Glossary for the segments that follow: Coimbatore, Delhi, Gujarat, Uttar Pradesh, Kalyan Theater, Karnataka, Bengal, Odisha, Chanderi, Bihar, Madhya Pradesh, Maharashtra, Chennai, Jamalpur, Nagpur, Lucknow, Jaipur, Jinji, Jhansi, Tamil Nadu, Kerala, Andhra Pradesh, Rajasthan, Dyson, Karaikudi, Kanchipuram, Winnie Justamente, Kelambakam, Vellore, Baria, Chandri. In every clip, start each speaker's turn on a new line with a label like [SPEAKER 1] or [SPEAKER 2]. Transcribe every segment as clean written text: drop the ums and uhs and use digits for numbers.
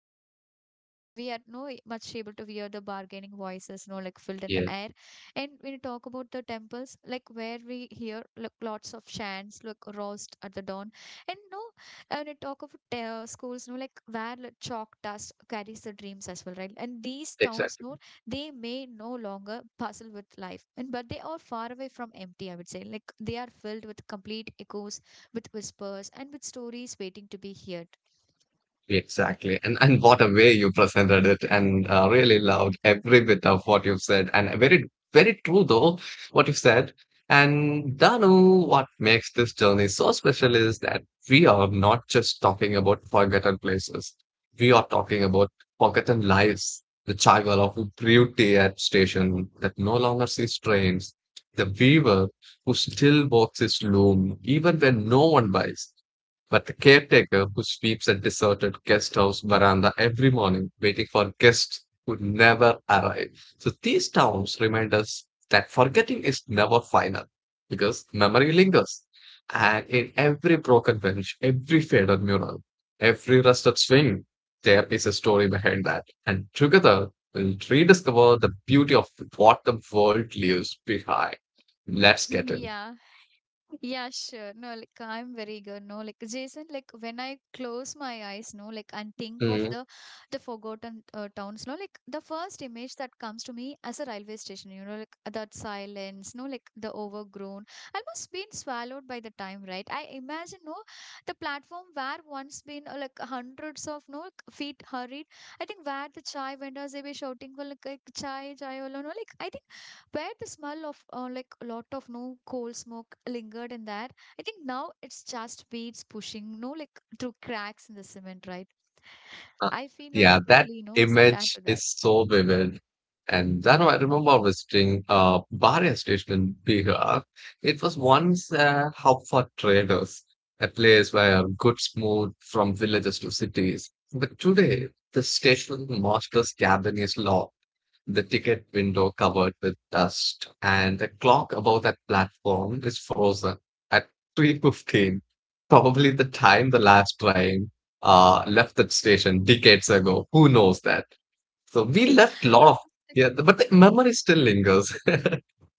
[SPEAKER 1] of markets where like we are no much able to hear the bargaining voices, no, like filled in the
[SPEAKER 2] Yeah,
[SPEAKER 1] air. And when you talk about the temples, like where we hear like lots of chants, like roused at the dawn, and no, and I talk of schools, no, like where like, chalk dust carries the dreams as well, right? And these towns,
[SPEAKER 2] exactly.
[SPEAKER 1] no, they may no longer puzzle with life, and but they are far away from empty. I would say, like they are filled with complete echoes with whispers and with stories waiting to be heard.
[SPEAKER 2] Exactly. And what a way you presented it and really loved every bit of what you've said, and very very true though what you've said. And Danu, what makes this journey so special is that we are not just talking about forgotten places. We are talking about forgotten lives, the child of beauty at station that no longer sees trains, the weaver who still works his loom even when no one buys, but the caretaker who sweeps a deserted guest house veranda every morning, waiting for guests who never arrive. So these towns remind us that forgetting is never final, because memory lingers. And in every broken bench, every faded mural, every rusted swing, there is a story behind that. And together, we'll rediscover the beauty of what the world leaves behind. Let's get in.
[SPEAKER 1] Yeah. Yeah, sure. No, like I'm very good. No, like Jason, like when I close my eyes, no, like and think of
[SPEAKER 2] Hmm.
[SPEAKER 1] the forgotten towns, no, like the first image that comes to me as a railway station, like that silence, no, like the overgrown, almost been swallowed by the time, right? I imagine, no, the platform where once been like hundreds of no like, feet hurried. I think where the chai vendors they were shouting for like chai, chai, alone, no, like I think where the smell of like a lot of no coal smoke lingered in there. I think now it's just weeds pushing, no like through cracks in the cement, right?
[SPEAKER 2] Uh,
[SPEAKER 1] I feel no like
[SPEAKER 2] Yeah, that
[SPEAKER 1] totally, sad
[SPEAKER 2] image
[SPEAKER 1] to that.
[SPEAKER 2] is so
[SPEAKER 1] Yeah.
[SPEAKER 2] vivid. And I know, I remember visiting Baria station in Bihar. It was once a hub for traders, a place where goods moved from villages to cities. But today, the station master's cabin is locked, the ticket window covered with dust, and the clock above that platform is frozen at 3:15, probably the time the last train left that station decades ago. Who knows that? So we
[SPEAKER 1] Yeah.
[SPEAKER 2] left a
[SPEAKER 1] Uh,
[SPEAKER 2] lot of, yeah, but the memory
[SPEAKER 1] like.
[SPEAKER 2] still lingers.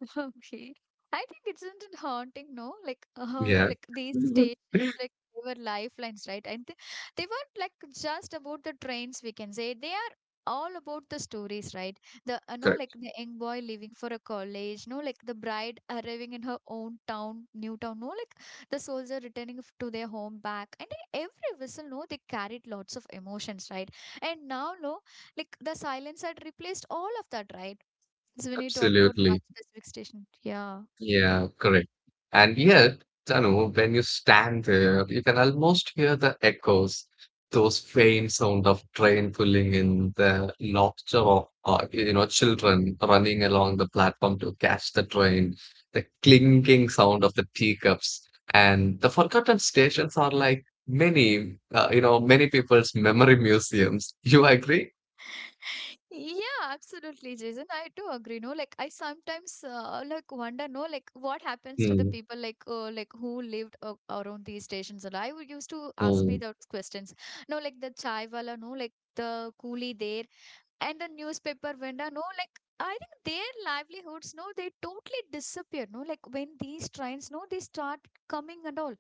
[SPEAKER 1] Okay. I think isn't it haunting, no? Like how do you
[SPEAKER 2] Yeah.
[SPEAKER 1] like these stations, like they were lifelines, right? And they weren't like just about the trains, we can say. They are all about the stories, right? The No, like
[SPEAKER 2] Correct.
[SPEAKER 1] the young boy leaving for a college, no, like the bride arriving in her own town, new town, no, like the soldier returning to their home back. And every whistle, no, they carried lots of emotions, right? And now, no, like the silence had replaced all of that, right? So when you talk about that
[SPEAKER 2] Absolutely.
[SPEAKER 1] specific station, yeah.
[SPEAKER 2] Yeah, correct. And yet, Tanu, when you stand there, you can almost hear the echoes, those faint sound of train pulling in, the laughter of children running along the platform to catch the train, the clinking sound of the teacups, and the forgotten stations are like many you know many people's memory museums. You agree?
[SPEAKER 1] Yeah, absolutely, Jason. I do agree. No, like I sometimes like wonder, no, like what happens to the
[SPEAKER 2] Mm,
[SPEAKER 1] people like who lived around these stations. And I would used to ask me
[SPEAKER 2] mm,
[SPEAKER 1] those questions. No, like the chai wala, no, like the coolie there and the newspaper vendor no like I think their livelihoods no they totally disappear no like when these trains no they start coming and all.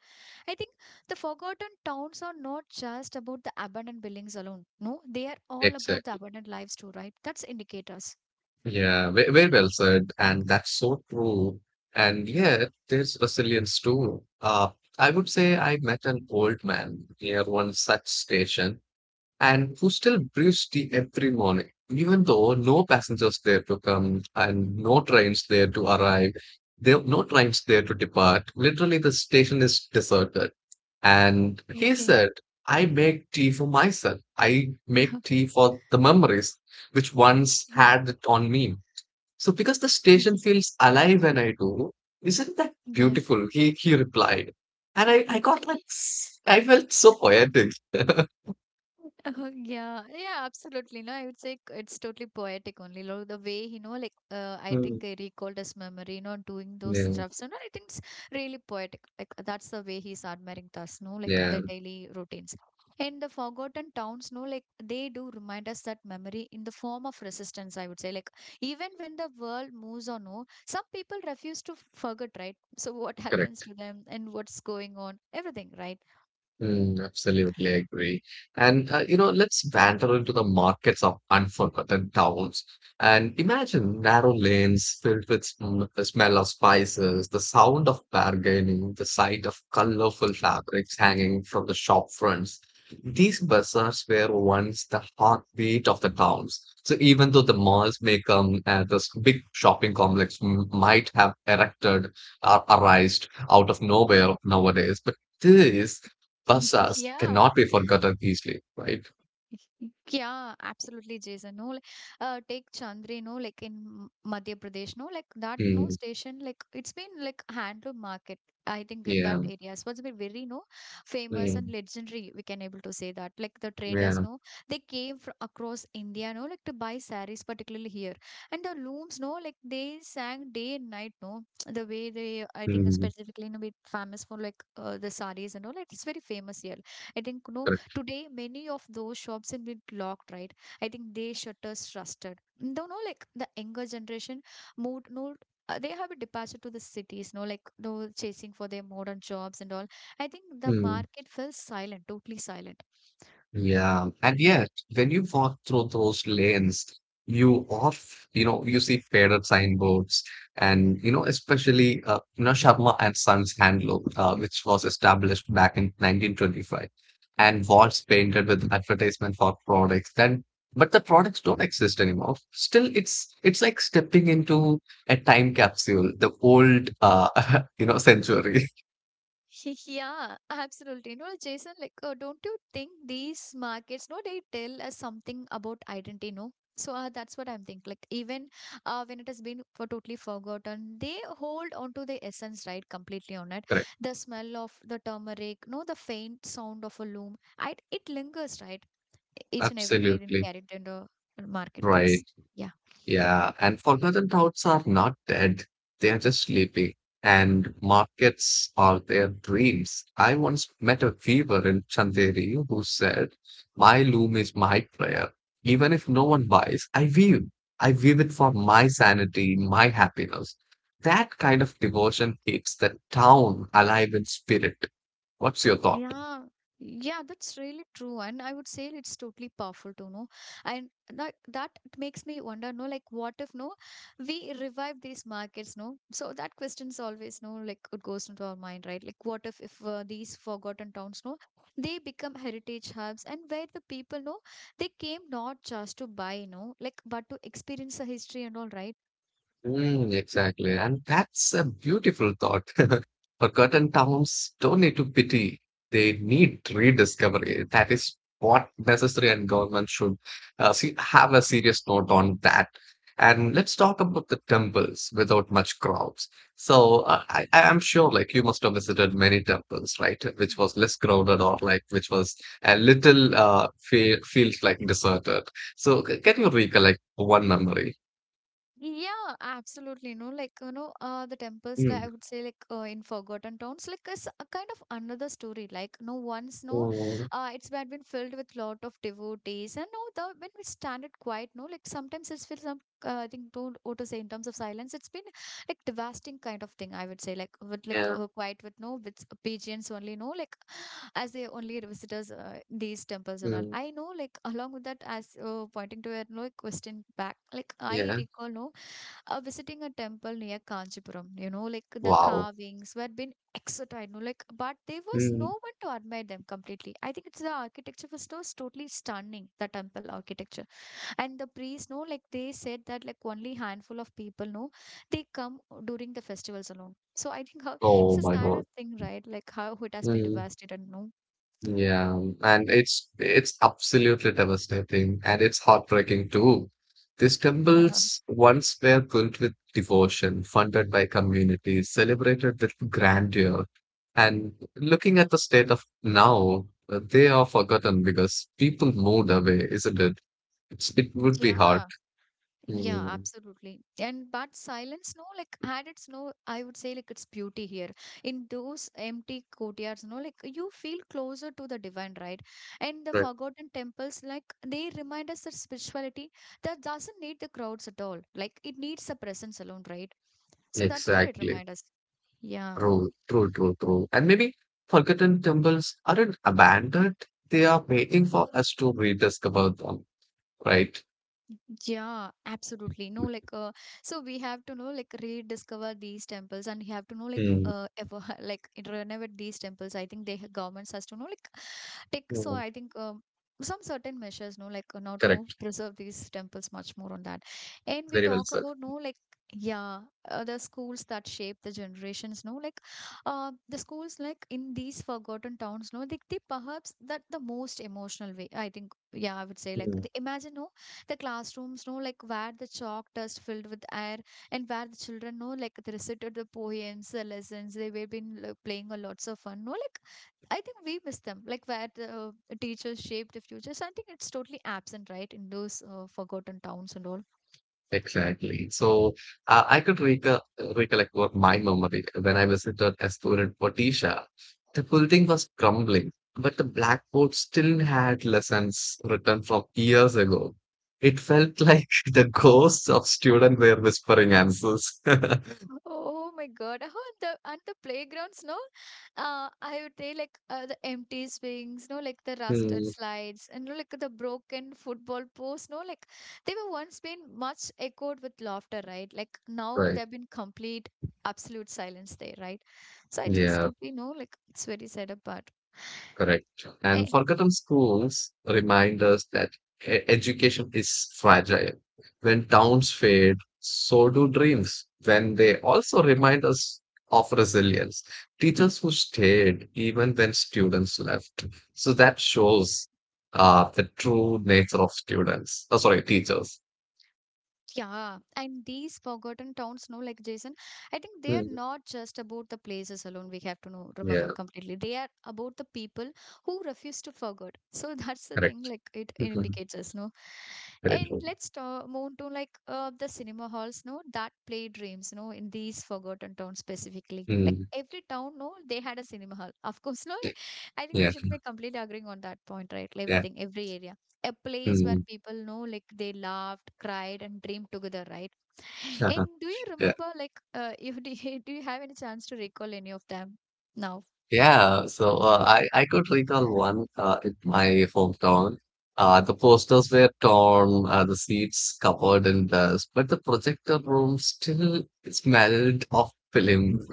[SPEAKER 1] I think the forgotten towns are not just about the abandoned buildings alone, no, they are all about the
[SPEAKER 2] exactly.
[SPEAKER 1] abandoned lives too, right? That's indicators.
[SPEAKER 2] Yeah, very well said, and that's so true. And yet, there's resilience too. I would say I met an old man near one such station, and who still brews tea every morning, even though no passengers there to come and no trains there to arrive. There no trains there to depart. Literally, the station is deserted. And he
[SPEAKER 1] Okay.
[SPEAKER 2] said, I make tea for myself. I make tea for the memories which once
[SPEAKER 1] Yeah.
[SPEAKER 2] had it on me. So because the station feels alive when I do, isn't that
[SPEAKER 1] Yeah.
[SPEAKER 2] beautiful? He replied. And I got like I felt so poetic.
[SPEAKER 1] Oh, yeah, yeah, absolutely. No, I would say it's totally poetic only. Lo, the way, like, I
[SPEAKER 2] Hmm.
[SPEAKER 1] think I recalled his memory, doing those
[SPEAKER 2] Yeah,
[SPEAKER 1] stuff. So, no, I think it's really poetic. Like, that's the way he's admiring us, no, like
[SPEAKER 2] yeah,
[SPEAKER 1] the daily routines. And the forgotten towns, no, like, they do remind us that memory in the form of resistance, I would say. Like, even when the world moves on, no, some people refuse to forget, right? So, what happens
[SPEAKER 2] correct.
[SPEAKER 1] to them and what's going on, everything, right?
[SPEAKER 2] Mm, absolutely agree. And let's wander into the markets of unforgotten towns and imagine narrow lanes filled with sm the smell of spices, the sound of bargaining, the sight of colorful fabrics hanging from the shop fronts. These bazaars were once the heartbeat of the towns. So even though the malls may come, this big shopping complex m might have erected or arised out of nowhere nowadays, but this Basas
[SPEAKER 1] Yeah.
[SPEAKER 2] cannot be forgotten easily, right?
[SPEAKER 1] Yeah, absolutely, Jason. No, like, take Chandri, no, like in Madhya Pradesh, no, like that, no
[SPEAKER 2] Mm,
[SPEAKER 1] station, like it's been like handloom market. I think in that
[SPEAKER 2] yeah,
[SPEAKER 1] area, so it's been very no famous and
[SPEAKER 2] mm,
[SPEAKER 1] legendary. We can able to say that, like the traders,
[SPEAKER 2] yeah,
[SPEAKER 1] no, they came from across India, no, like to buy saris, particularly here, and the looms, no, like they sang day and night, no, the way they, I think
[SPEAKER 2] mm,
[SPEAKER 1] specifically, no, be famous for like the saris and all. It's very famous here. I think no
[SPEAKER 2] correct.
[SPEAKER 1] today, many of those shops have been locked, right? I think they shutters rusted. Don't know, like the younger generation moved, no, they have a departure to the cities, no, like no chasing for their modern jobs and all. I think the
[SPEAKER 2] Mm.
[SPEAKER 1] market fell silent, totally silent.
[SPEAKER 2] Yeah, and yet when you walk through those lanes, you see faded signboards, and especially Sharma and Sons Handloom, which was established back in 1925, and walls painted with advertisement for products. Then, but the products don't exist anymore. Still, it's like stepping into a time capsule, the old century.
[SPEAKER 1] Yeah, absolutely. Jason, like, don't you think these markets, no, they tell us something about identity, no? So that's what I'm thinking. Like, even when it has been for totally forgotten, they hold on to the essence, right? Completely on it.
[SPEAKER 2] Correct,
[SPEAKER 1] The smell of the turmeric, no, the faint sound of a loom, it lingers, right? Each and everywhere in
[SPEAKER 2] absolutely
[SPEAKER 1] carried in the marketplace.
[SPEAKER 2] right.
[SPEAKER 1] Yeah.
[SPEAKER 2] Yeah, and forgotten routes are not dead. They are just sleeping. And markets are their dreams. I once met a weaver in Chanderi who said, My loom is my prayer. Even if no one buys, I weave. I weave it for my sanity, my happiness. That kind of devotion keeps the town alive in spirit. What's your thought?
[SPEAKER 1] Yeah, yeah, that's really true. And I would say it's totally powerful to know. And that it makes me wonder, no, like what if no, we revive these markets, no? So that question's always no, like it goes into our mind, right? Like what if these forgotten towns, no, they become heritage hubs and where the people no, they came not just to buy, no, like but to experience the history and all, right?
[SPEAKER 2] Mm, exactly. And that's a beautiful thought. Forgotten towns don't need to pity. They need rediscovery. That is what necessary, and government should see, have a serious note on that. And let's talk about the temples without much crowds. So I am sure like you must have visited many temples, right? Which was less crowded, or like which was a little feels like deserted. So can you recollect one memory?
[SPEAKER 1] Yeah, absolutely. No, like the temples. Like
[SPEAKER 2] Mm.
[SPEAKER 1] I would say, like in Forgotten Towns, like is a kind of another story. Like no once, no,
[SPEAKER 2] Mm.
[SPEAKER 1] it's been filled with lot of devotees, and no, the when we stand it quiet, no, like sometimes it's feel some. I think don't what to say in terms of silence. It's been like devastating kind of thing. I would say like with like
[SPEAKER 2] Yeah.
[SPEAKER 1] quiet with no with pigeons only. No, like as they only visitors these temples and all.
[SPEAKER 2] Mm.
[SPEAKER 1] I know like along with that as pointing to a no question back. Like I
[SPEAKER 2] Yeah.
[SPEAKER 1] recall no visiting a temple near Kanchipuram. Like the
[SPEAKER 2] Wow.
[SPEAKER 1] carvings were been exotic, no, like but there was no one to admire them completely. I think it's the architecture was so totally stunning, the temple architecture. And the priests, no, like they said that like only handful of people no, they come during the festivals alone. So I think how it's
[SPEAKER 2] Oh
[SPEAKER 1] a
[SPEAKER 2] my
[SPEAKER 1] sad
[SPEAKER 2] God.
[SPEAKER 1] thing, right? Like how it has been
[SPEAKER 2] Mm,
[SPEAKER 1] devastated, no?
[SPEAKER 2] yeah, and it's absolutely devastating, and it's heartbreaking too. These
[SPEAKER 1] Yeah.
[SPEAKER 2] temples once were built with devotion, funded by communities, celebrated with grandeur. And looking at the state of now, they are forgotten because people moved away, isn't it? It would be hard.
[SPEAKER 1] Yeah. Yeah,
[SPEAKER 2] Mm,
[SPEAKER 1] absolutely. And but silence, no, like had its no, I would say like its beauty here. In those empty courtyards, no, like you feel closer to the divine, right? And the
[SPEAKER 2] right.
[SPEAKER 1] forgotten temples, like they remind us that spirituality that doesn't need the crowds at all. Like it needs the presence alone, right? So that's what it
[SPEAKER 2] Exactly.
[SPEAKER 1] reminds us. Yeah.
[SPEAKER 2] True, true, true, true. And maybe forgotten temples aren't abandoned. They are waiting for us to rediscover them, right?
[SPEAKER 1] Yeah, absolutely. No, like, so we have to know, like, rediscover these temples, and we have to know, like,
[SPEAKER 2] Mm,
[SPEAKER 1] ever, like, renovate these temples. I think governments has to know, like, take. So
[SPEAKER 2] mm,
[SPEAKER 1] I think some certain measures, no, like, now to
[SPEAKER 2] correct.
[SPEAKER 1] preserve these temples much more on that. And we
[SPEAKER 2] Very well
[SPEAKER 1] talk
[SPEAKER 2] said.
[SPEAKER 1] about, no, like, yeah, the schools that shape the generations, no, like, the schools, like, in these forgotten towns, no, they perhaps that the most emotional way. I think, yeah, I would say, like,
[SPEAKER 2] Mm,
[SPEAKER 1] imagine, no the classrooms no like where the chalk dust filled with air, and where the children no, like they recited the poems, the lessons they were been like, playing a lots of fun no like I think we miss them like where the teachers shaped the future. So I think it's totally absent, right, in those forgotten towns and all.
[SPEAKER 2] exactly. So I could recollect what my memory when I visited a student Odisha. The building was crumbling, but the blackboard still had lessons written from years ago. It felt like the ghosts of students were whispering answers.
[SPEAKER 1] Oh my God. Oh, the and the playgrounds, no? I would say like the empty swings, no, like the rusted
[SPEAKER 2] Hmm.
[SPEAKER 1] slides, and no, like the broken football posts, no, like they were once been much echoed with laughter, right? Like now
[SPEAKER 2] Right.
[SPEAKER 1] they've been complete absolute silence there, right? So I just
[SPEAKER 2] Yeah,
[SPEAKER 1] totally know, like it's very sad apart.
[SPEAKER 2] correct. And forgotten schools remind us that education is fragile. When towns fade, so do dreams. When they also remind us of resilience, teachers who stayed even when students left. So that shows the true nature of students. Oh, sorry, teachers.
[SPEAKER 1] Yeah, and these forgotten towns, no, like Jason, I think they are
[SPEAKER 2] Mm,
[SPEAKER 1] not just about the places alone. We have to know, remember
[SPEAKER 2] yeah,
[SPEAKER 1] completely. They are about the people who refuse to forget. So that's the thing,
[SPEAKER 2] correct.
[SPEAKER 1] like it, it
[SPEAKER 2] Mhm.
[SPEAKER 1] indicates us, no.
[SPEAKER 2] Very
[SPEAKER 1] And
[SPEAKER 2] true.
[SPEAKER 1] let's move to like the cinema halls, no, that play dreams, no, in these forgotten towns specifically. Like
[SPEAKER 2] Mm,
[SPEAKER 1] every town, no, they had a cinema hall. Of course, no, I think we
[SPEAKER 2] yeah,
[SPEAKER 1] should be completely agreeing on that point, right?
[SPEAKER 2] yeah.
[SPEAKER 1] Everything, every area, a place where
[SPEAKER 2] Mm.
[SPEAKER 1] people know, like, they laughed, cried, and dreamed together, right? And do you
[SPEAKER 2] Yeah.
[SPEAKER 1] remember, like, if do you, do you have any chance to recall any of them now?
[SPEAKER 2] Yeah, so I could recall one in my hometown. The posters were torn, the seats covered in dust, but the projector room still smelled of films.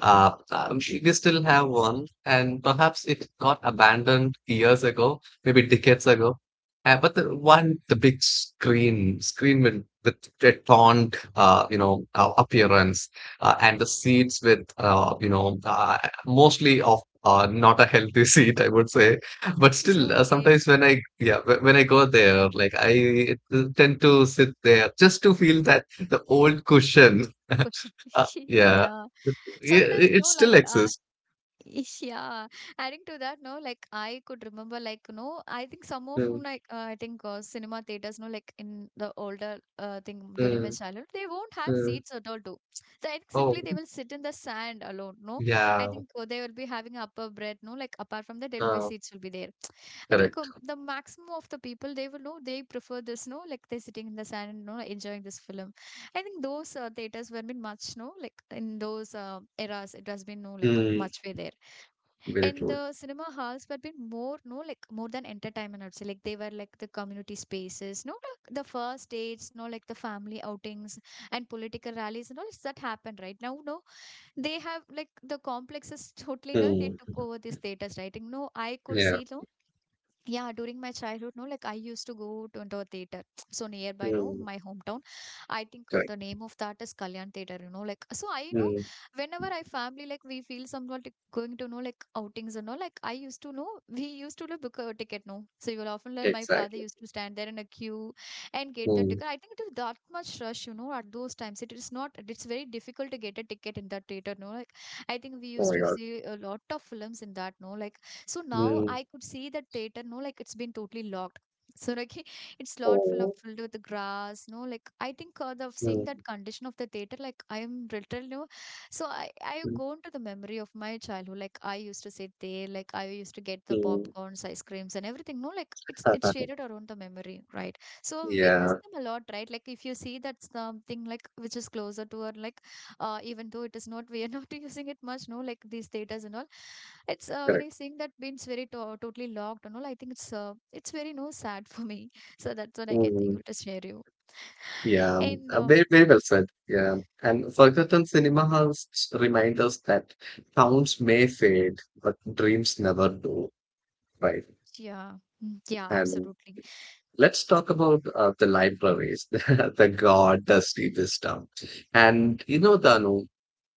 [SPEAKER 2] We still have one, and perhaps it got abandoned years ago, maybe decades ago. But the big screen with a torn, appearance, and the seats with, mostly of not a healthy seat, I would say. But still,
[SPEAKER 1] Okay,
[SPEAKER 2] sometimes when I go there, like I tend to sit there just to feel that the old cushion.
[SPEAKER 1] question.
[SPEAKER 2] Yeah,
[SPEAKER 1] Yeah,
[SPEAKER 2] yeah,
[SPEAKER 1] sometimes,
[SPEAKER 2] it
[SPEAKER 1] no,
[SPEAKER 2] still
[SPEAKER 1] like
[SPEAKER 2] exists.
[SPEAKER 1] Ish, yeah, adding to that, no, like I could remember, like, no, I think some of them,
[SPEAKER 2] Mm,
[SPEAKER 1] like, I think cinema theaters, no, like in the older thing during my
[SPEAKER 2] mm,
[SPEAKER 1] childhood, they won't have
[SPEAKER 2] mm.
[SPEAKER 1] seats at all, too. So I think simply
[SPEAKER 2] Oh,
[SPEAKER 1] they will sit in the sand alone, no. I
[SPEAKER 2] yeah,
[SPEAKER 1] think they will be having upper breath, no, like apart from that, there will be
[SPEAKER 2] uh,
[SPEAKER 1] seats will be there. I think
[SPEAKER 2] correct.
[SPEAKER 1] the maximum of the people they will know they prefer this, no, like they're sitting in the sand and no, enjoying this film. I think those theaters were been much, no, like in those eras, it has been, no, like
[SPEAKER 2] Mm,
[SPEAKER 1] much way there.
[SPEAKER 2] very
[SPEAKER 1] And
[SPEAKER 2] true.
[SPEAKER 1] the cinema halls were been more, no, like more than entertainment, I would say. Like they were like the community spaces, no, like the first dates, no, like the family outings and political rallies and all that happened, right? Now, no, they have like the complexes totally, no, they
[SPEAKER 2] Mm,
[SPEAKER 1] took over these theaters, right? And, no, I could
[SPEAKER 2] yeah,
[SPEAKER 1] see, no, yeah, during my childhood, no, like I used to go into a theater so nearby, no,
[SPEAKER 2] mm,
[SPEAKER 1] my hometown. I think of
[SPEAKER 2] correct.
[SPEAKER 1] the name of that is Kalyan theater, you know, like so I know
[SPEAKER 2] Mm,
[SPEAKER 1] whenever I family, like we feel somewhat like going to know like outings and all, like I used to know, we used to like, book a ticket, no, so you will often like my father
[SPEAKER 2] exactly.
[SPEAKER 1] used to stand there in a queue and get the
[SPEAKER 2] Mm,
[SPEAKER 1] ticket. I think it is that much rush, you know, at those times. It is not, it's very difficult to get a ticket in that theater, no, like I think
[SPEAKER 2] oh
[SPEAKER 1] we
[SPEAKER 2] my God.
[SPEAKER 1] used to see a lot of films in that, no, like so now
[SPEAKER 2] Mm,
[SPEAKER 1] I could see that theater, no, like it's been totally locked. So like, it's
[SPEAKER 2] oh.
[SPEAKER 1] lot full of filled with the grass, no, like I think
[SPEAKER 2] Mm,
[SPEAKER 1] the seeing that condition of the theater, like I am literally, no. So I
[SPEAKER 2] mm,
[SPEAKER 1] I go into the memory of my childhood, like I used to sit there, like I used to get the
[SPEAKER 2] mm.
[SPEAKER 1] popcorns, ice creams, and everything. No, like it's shaded around the memory, right? So we
[SPEAKER 2] Yeah.
[SPEAKER 1] miss them a lot, right? Like if you see that something like which is closer to her, like even though it is not, we are not using it much, no, like these theaters and all, it's when
[SPEAKER 2] Correct.
[SPEAKER 1] I seeing that being very to totally locked and all, I think it's very no sad for me, so that's what I can
[SPEAKER 2] Mm,
[SPEAKER 1] able to share you
[SPEAKER 2] yeah,
[SPEAKER 1] and
[SPEAKER 2] very, very well said. Yeah. And forgotten cinema halls remind us that sounds may fade, but dreams never do, right?
[SPEAKER 1] yeah. Mm, yeah,
[SPEAKER 2] And
[SPEAKER 1] absolutely.
[SPEAKER 2] let's talk about the libraries, the god dusty this stuff. And you know, Danu,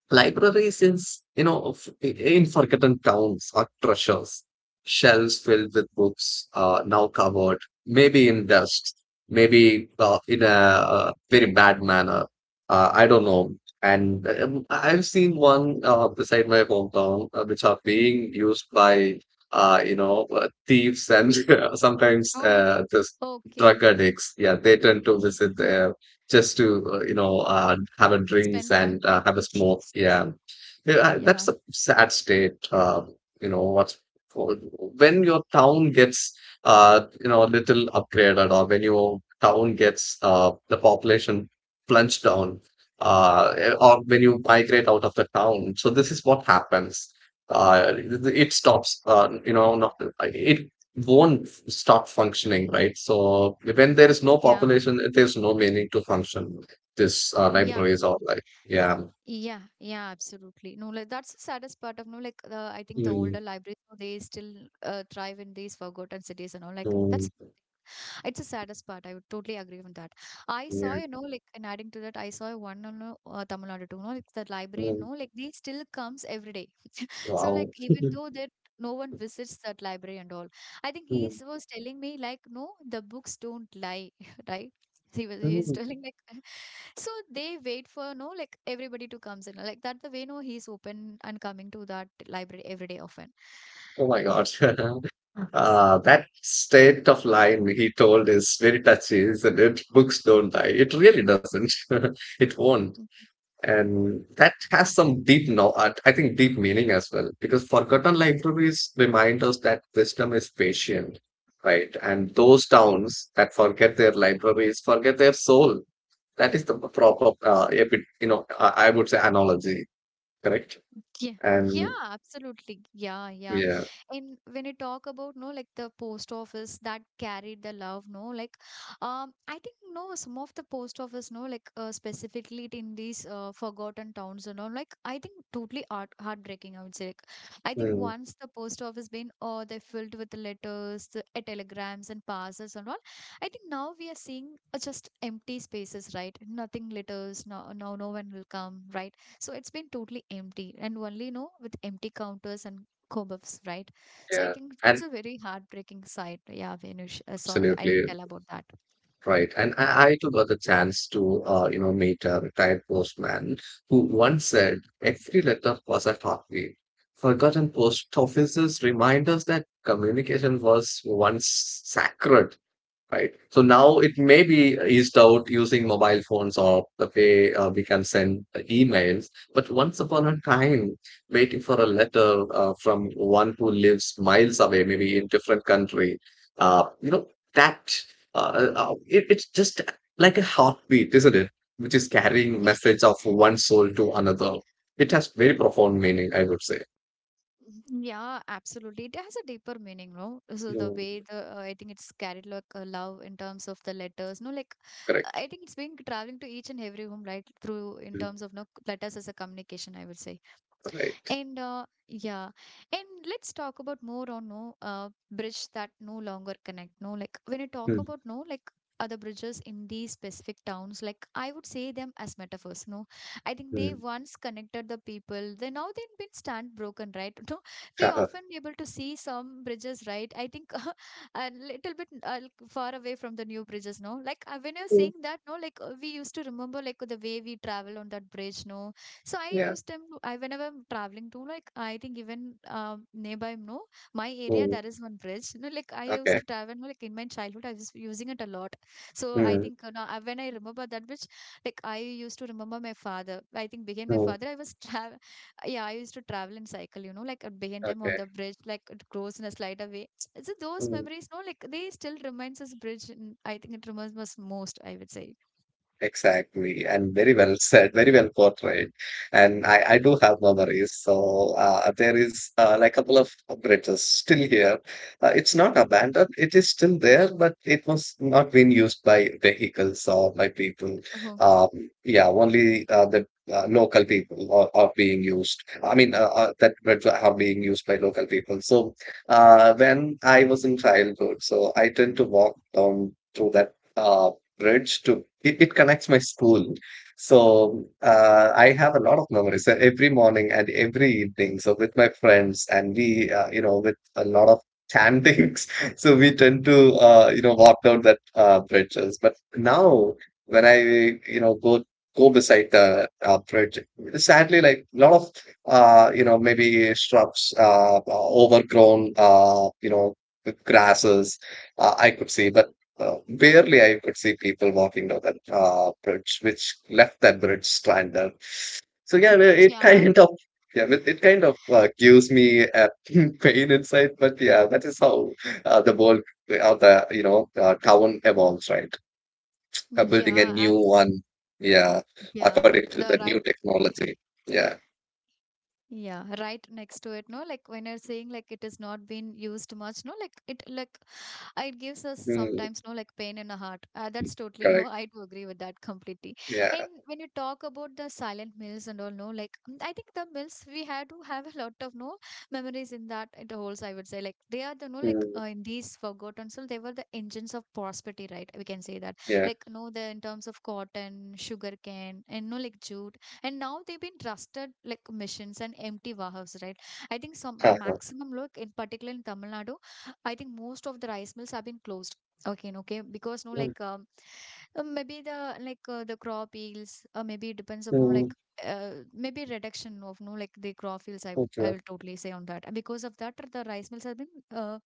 [SPEAKER 2] libraries in, s- you know, of- in forgotten towns are treasures, shelves filled with books, now covered, maybe in dust, maybe in a very bad manner. I don't know. And I've seen one beside my hometown, which are being used by, thieves, and sometimes
[SPEAKER 1] Oh,
[SPEAKER 2] just
[SPEAKER 1] okay,
[SPEAKER 2] drug addicts. Yeah, they tend to
[SPEAKER 1] yeah,
[SPEAKER 2] visit just to have a drinks
[SPEAKER 1] spend time.
[SPEAKER 2] and have a smoke. Yeah, yeah,
[SPEAKER 1] Yeah,
[SPEAKER 2] that's a sad state. You know what's, when your town gets a little upgraded, or when your town gets the population plunged down, or when you migrate out of the town. So this is what happens. It stops. Not, it won't stop functioning, right? So when there is no
[SPEAKER 1] yeah,
[SPEAKER 2] population, there's no meaning to function. This
[SPEAKER 1] yeah,
[SPEAKER 2] libraries or like, yeah.
[SPEAKER 1] yeah, yeah, absolutely, no, like that's the saddest part of, no, like I think the
[SPEAKER 2] Mm,
[SPEAKER 1] older libraries, no, they still thrive in these forgotten cities and all, like that's
[SPEAKER 2] mm.
[SPEAKER 1] it's the saddest part. I would totally agree on that. I saw,
[SPEAKER 2] Yeah.
[SPEAKER 1] you know, like, and adding to that, I saw one on Tamil Nadu too, no, like the librarian,
[SPEAKER 2] Mm.
[SPEAKER 1] no, like they still comes every day. So, like,
[SPEAKER 2] Wow.
[SPEAKER 1] even though that no one visits that library and all, I think he
[SPEAKER 2] Mm.
[SPEAKER 1] was telling me, like, no, the books don't lie, right? He's
[SPEAKER 2] Mm.
[SPEAKER 1] telling like so they wait for, no, like everybody to comes in like that, the way no he's open and coming to that library every day often.
[SPEAKER 2] Oh my God. That state of line he told is very touchy, isn't it? Books don't die. It really doesn't. It won't. And that has some deep, no, I think deep meaning as well, because forgotten libraries remind us that wisdom is patient, right? And those towns that forget their libraries forget their soul. That is the proper, I would say analogy, correct?
[SPEAKER 1] Yeah, yeah,
[SPEAKER 2] And
[SPEAKER 1] absolutely. Yeah, yeah.
[SPEAKER 2] yeah.
[SPEAKER 1] And when you talk about, no, like the post office that carried the love, no, like, I think no, some of the post office, no, like, specifically in these forgotten towns and all, like, I think totally heartbreaking. I would say, like, I think
[SPEAKER 2] Mm.
[SPEAKER 1] once the post office been, they filled with the letters, the, telegrams and parcels and all. I think now we are seeing just empty spaces, right? Nothing letters. No, no, no one will come, right? So it's been totally empty and only, you know, with empty counters and kebabs, right? So I
[SPEAKER 2] Yeah.
[SPEAKER 1] think it's
[SPEAKER 2] And
[SPEAKER 1] a very heartbreaking sight. Yeah, Venush. So I think
[SPEAKER 2] absolutely
[SPEAKER 1] tell about that.
[SPEAKER 2] right. And I too got the chance to, meet a retired postman, who once said every letter was a heartbeat. Forgotten post offices remind us that communication was once sacred, right? So now it may be eased out using mobile phones, or the way we can send the emails. But once upon a time, waiting for a letter from one who lives miles away, maybe in different country, uh, you know, that it's just like a heartbeat, isn't it? Which is carrying message of one soul to another. It has very profound meaning, I would say.
[SPEAKER 1] Yeah, absolutely. It has a deeper meaning, no? So the way
[SPEAKER 2] Mm,
[SPEAKER 1] the I think it's carried like a love in terms of the letters, no? Like
[SPEAKER 2] correct.
[SPEAKER 1] I think it's been traveling to each and every home, like through in
[SPEAKER 2] Mm,
[SPEAKER 1] terms of no letters as a communication, I would say.
[SPEAKER 2] right.
[SPEAKER 1] And yeah, and let's talk about more on no bridge that no longer connect. No, like when I talk
[SPEAKER 2] Mm,
[SPEAKER 1] about, no, like other bridges in these specific towns, like I would say them as metaphors. No, I think they
[SPEAKER 2] mm.
[SPEAKER 1] once connected the people. They now they've been stand broken, right? No, we
[SPEAKER 2] Yeah.
[SPEAKER 1] often able to see some bridges, right? I think a little bit like, far away from the new bridges. No, like when you're
[SPEAKER 2] Mm,
[SPEAKER 1] saying that, no, like we used to remember like the way we travel on that bridge. No, so I
[SPEAKER 2] yeah.
[SPEAKER 1] use them to, I whenever I'm traveling to like I think even nearby, no, my area
[SPEAKER 2] Mm,
[SPEAKER 1] there is one bridge. No, like I used
[SPEAKER 2] okay.
[SPEAKER 1] to travel, no, like in my childhood I was using it a lot. So I
[SPEAKER 2] Mm,
[SPEAKER 1] think now when I remember that bridge, like I used to remember my father. I think behind my
[SPEAKER 2] true.
[SPEAKER 1] father I was travel. Yeah, I used to travel in cycle. You know, like behind them on
[SPEAKER 2] Okay.
[SPEAKER 1] the bridge, like it goes in a slide away. So those
[SPEAKER 2] Mm.
[SPEAKER 1] memories, no, like they still reminds us bridge. And I think it reminds us most, I would say.
[SPEAKER 2] Exactly, and very well said, very well portrayed. And I do have memories. So there is like a couple of bridges still here. It's not abandoned, it is still there, but it was not being used by vehicles or by people.
[SPEAKER 1] Oh.
[SPEAKER 2] Um, yeah, only the local people are being used. I mean, that bridge are being used by local people. So when I was in childhood, so I tend to walk down through that. Reds too. It connects my school. So I have a lot of memories every morning and every evening. So with my friends and we, with a lot of chantings. So we tend to,
[SPEAKER 1] Okay.
[SPEAKER 2] walk down that bridges. But now when I, go beside the bridge, sadly, like a lot of, maybe shrubs, overgrown, with grasses, I could see. But barely I could see people walking down that bridge, which left that bridge stranded. So yeah, it
[SPEAKER 1] Mm,
[SPEAKER 2] it
[SPEAKER 1] yeah,
[SPEAKER 2] kind of yeah, it kind of gives me a pain inside. But yeah, that is how uh, the world, the town evolves, right? Building a
[SPEAKER 1] yeah,
[SPEAKER 2] new
[SPEAKER 1] absolutely.
[SPEAKER 2] one, yeah,
[SPEAKER 1] Yeah,
[SPEAKER 2] according to the
[SPEAKER 1] the
[SPEAKER 2] new
[SPEAKER 1] right,
[SPEAKER 2] technology. Yeah.
[SPEAKER 1] yeah, right next to it, no? Like when you're saying like it has not been used much, no? Like it gives us
[SPEAKER 2] Mm,
[SPEAKER 1] sometimes, no, like pain in the heart, that's totally no, I
[SPEAKER 2] correct.
[SPEAKER 1] do agree with that completely. And
[SPEAKER 2] Yeah.
[SPEAKER 1] when you talk about the silent meals and all, no, like mm, I think the meals we had to have a lot of no memories in that it holds, I would say, like they are the no, like
[SPEAKER 2] Mm,
[SPEAKER 1] in these forgotten, so they were the engines of prosperity, right? We can say that,
[SPEAKER 2] yeah.
[SPEAKER 1] like no, the in terms of cotton, sugar cane, and no, like jute, and now they've been trusted like missions and empty warehouses, right? I think some
[SPEAKER 2] Uh-huh.
[SPEAKER 1] maximum look in particular in Tamil Nadu. I think most of the rice mills have been closed. Okay, okay, because no,
[SPEAKER 2] Mm,
[SPEAKER 1] like maybe the like the crop yields, maybe it depends upon like
[SPEAKER 2] mm,
[SPEAKER 1] maybe reduction of no like the crop yields. I
[SPEAKER 2] okay.
[SPEAKER 1] will totally say on that. And because of that the rice mills have been uh,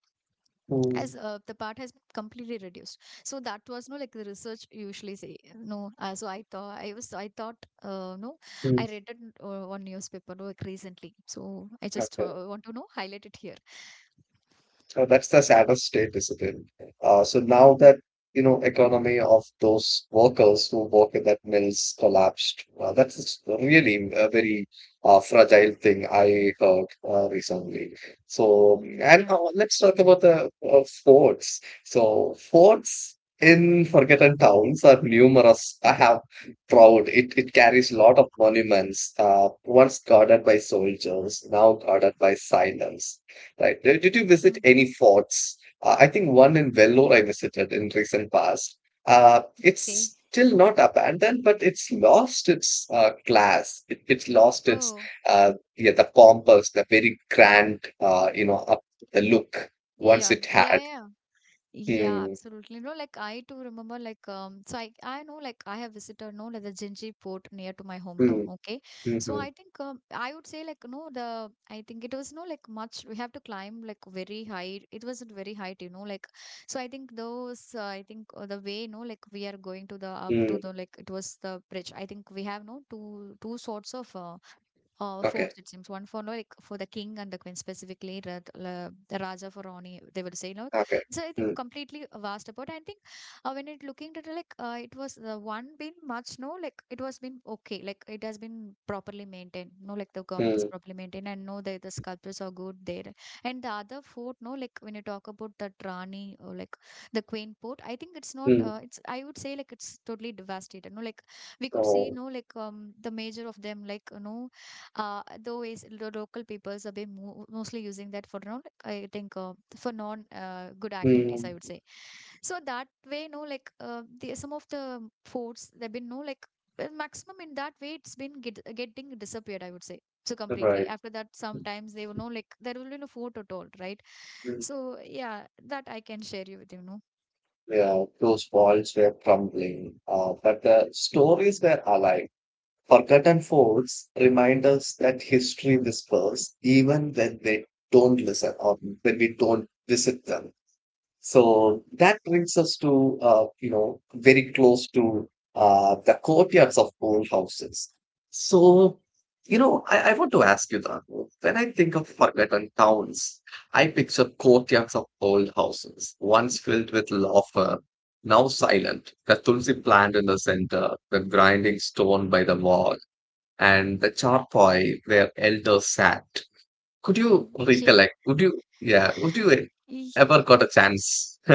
[SPEAKER 2] Mm,
[SPEAKER 1] as the part has been completely reduced. So that was no like the research usually say, no. So I thought I thought no,
[SPEAKER 2] mm,
[SPEAKER 1] I read it one newspaper, no, like recently. So I just
[SPEAKER 2] okay.
[SPEAKER 1] want to know highlight it here.
[SPEAKER 2] So that's the saddest state, isn't it? So now
[SPEAKER 1] Mm,
[SPEAKER 2] that, economy of those workers who work in that mills collapsed, that's really a very fragile thing I heard recently. So,
[SPEAKER 1] mm,
[SPEAKER 2] and
[SPEAKER 1] yeah,
[SPEAKER 2] let's talk about the forts. So forts in forgotten towns are numerous. I have proud. It carries a lot of monuments. Once guarded by soldiers, now guarded by silence. Right. Did you
[SPEAKER 1] yeah.
[SPEAKER 2] visit any forts? I think one in Vellore I visited in recent past.
[SPEAKER 1] Okay.
[SPEAKER 2] It's still not abandoned, but it's lost its class. It's lost its
[SPEAKER 1] Oh,
[SPEAKER 2] yeah, the pompous, the very grand, up the look once
[SPEAKER 1] yeah,
[SPEAKER 2] it
[SPEAKER 1] yeah,
[SPEAKER 2] had.
[SPEAKER 1] yeah. Yeah,
[SPEAKER 2] Hmm.
[SPEAKER 1] absolutely. No, like I too remember like so I know like I have visited, no, like the Jinji port near to my
[SPEAKER 2] Mm,
[SPEAKER 1] hometown, okay?
[SPEAKER 2] mm.
[SPEAKER 1] So
[SPEAKER 2] Hmm.
[SPEAKER 1] I think I would say like no the I think it was no like much we have to climb like very high. It wasn't very high, you know, like so I think those I think the way no like we are going to the up
[SPEAKER 2] Hmm.
[SPEAKER 1] to the like it was the bridge. I think we have no two sorts of
[SPEAKER 2] Okay.
[SPEAKER 1] forts, it seems, one for, like, for the king and the queen, specifically the Raja for Rani, they would say, like,
[SPEAKER 2] Okay.
[SPEAKER 1] so I think
[SPEAKER 2] Hmm.
[SPEAKER 1] completely vast about, I think, when it looking at it, like, it was the one been much, no, like, it was been okay, like it has been properly maintained, no, like the government is
[SPEAKER 2] Hmm.
[SPEAKER 1] properly maintained, and no, the sculptures are good there. And the other fort, no, like, when you talk about the Rani, or, like, the queen port, I think it's not,
[SPEAKER 2] Mm.
[SPEAKER 1] it's I would say, like, it's totally devastated, no, like, we could see,
[SPEAKER 2] Oh,
[SPEAKER 1] no, like, the major of them, like, though is local peoples have been mostly using that for non, I think for non good activities,
[SPEAKER 2] mm,
[SPEAKER 1] I would say. So that way, no, like, the some of the forts there have been, no, like, well, maximum, in that way, it's been getting disappeared, I would say. So completely,
[SPEAKER 2] right.
[SPEAKER 1] after that, sometimes they will know, like, there will be no fort at all, right?
[SPEAKER 2] Hmm.
[SPEAKER 1] So, yeah, that I can share you with.
[SPEAKER 2] Yeah, those walls were crumbling, but the stories were alive. Forgotten forts remind us that history whispers even when they don't listen or when we don't visit them. So that brings us to, very close to the courtyards of old houses. So, I want to ask you that when I think of forgotten towns, I picture courtyards of old houses, once filled with laughter, now silent, the tulsi plant in the center, the grinding stone by the wall, and the charpoy where elders sat. Could you
[SPEAKER 1] Mhm.
[SPEAKER 2] recollect? Yeah, would you
[SPEAKER 1] Yeah.
[SPEAKER 2] ever got a chance?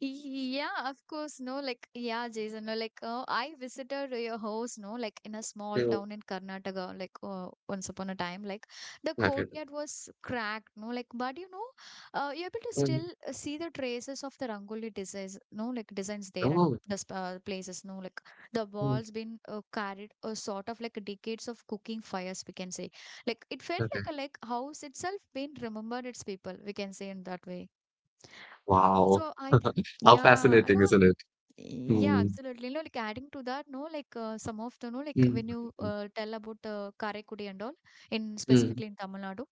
[SPEAKER 1] Yeah, of course, no, like, yeah, Jason, no, like, I visited your house, no, like, in a small
[SPEAKER 2] Mm,
[SPEAKER 1] town in Karnataka, like, once upon a time, like, the
[SPEAKER 2] okay.
[SPEAKER 1] courtyard was cracked, no, like, but you're able to
[SPEAKER 2] Mm.
[SPEAKER 1] still see the traces of the Rangoli designs, no, like, designs there at
[SPEAKER 2] Oh,
[SPEAKER 1] the places, no, like, the
[SPEAKER 2] mm,
[SPEAKER 1] walls been carried a sort of, like, decades of cooking fires, we can say, like, it felt
[SPEAKER 2] okay.
[SPEAKER 1] like a, like, house itself been remembered its people, we can say, in that way.
[SPEAKER 2] Wow.
[SPEAKER 1] So
[SPEAKER 2] How
[SPEAKER 1] yeah, I
[SPEAKER 2] fascinating,
[SPEAKER 1] know,
[SPEAKER 2] isn't it?
[SPEAKER 1] yeah,
[SPEAKER 2] Mm,
[SPEAKER 1] absolutely. No, like, adding to that, no, like, some of the, no, like,
[SPEAKER 2] mm,
[SPEAKER 1] when you
[SPEAKER 2] mm,
[SPEAKER 1] tell about Karaikudi and all, in,
[SPEAKER 2] mm,
[SPEAKER 1] specifically, in Tamil Nadu,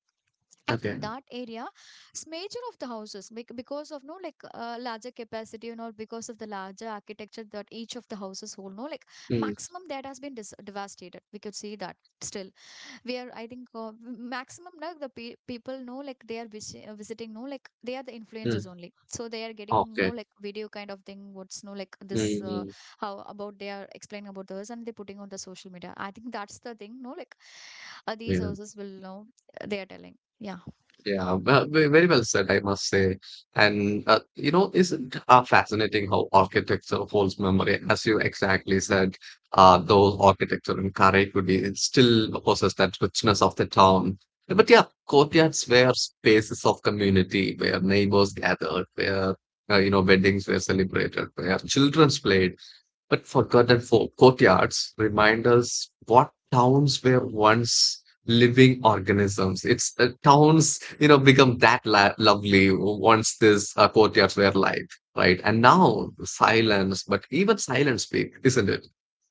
[SPEAKER 1] I think
[SPEAKER 2] okay.
[SPEAKER 1] that area is major of the houses because of, no, like, larger capacity and all, because of the larger architecture that each of the houses hold, no, like,
[SPEAKER 2] Mm,
[SPEAKER 1] maximum that has been dis devastated. We could see that still, where I think, maximum now the people know, like, they are visiting, no, like, they are the influencers
[SPEAKER 2] mm,
[SPEAKER 1] only. So they are getting, no,
[SPEAKER 2] okay.
[SPEAKER 1] like, video kind of thing. What's, no, like, this,
[SPEAKER 2] Mm, mm,
[SPEAKER 1] how about they are explaining about those, and they're putting on the social media. I think that's the thing. No, like, these
[SPEAKER 2] yeah.
[SPEAKER 1] houses will know, they are telling. Yeah.
[SPEAKER 2] Yeah, well, very well said, I must say. And isn't fascinating how architecture holds memory, as you exactly said. Those architecture in Karaikudi it still possess that richness of the town. But yeah, courtyards were spaces of community where neighbors gathered, where weddings were celebrated, where children's played, but forgotten folk courtyards remind us what towns were once living organisms. It's towns, become that lovely once these courtyards were alive, right? And now silence, but even silence speak, isn't it?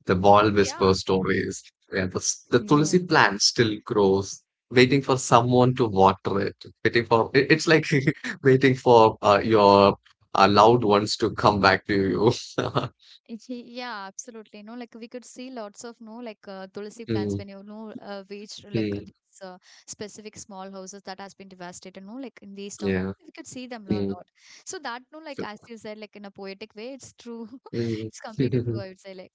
[SPEAKER 2] The wall
[SPEAKER 1] Yeah.
[SPEAKER 2] whispers stories, and the
[SPEAKER 1] Yeah.
[SPEAKER 2] tulsi plant still grows, waiting for someone to water it, waiting for it's like waiting for your loved ones to come back to you.
[SPEAKER 1] Yeah, absolutely. No, like, we could see lots of, no, like, tulsi plants
[SPEAKER 2] Mm.
[SPEAKER 1] when reach, like,
[SPEAKER 2] Mm,
[SPEAKER 1] these, specific small houses that has been devastated. No, like, in these towns,
[SPEAKER 2] yeah,
[SPEAKER 1] we could see them a lot.
[SPEAKER 2] mm,
[SPEAKER 1] So that, no, like, as
[SPEAKER 2] so-
[SPEAKER 1] you said, like, in a poetic way, it's true.
[SPEAKER 2] mm.
[SPEAKER 1] It's completely true. I would say, like.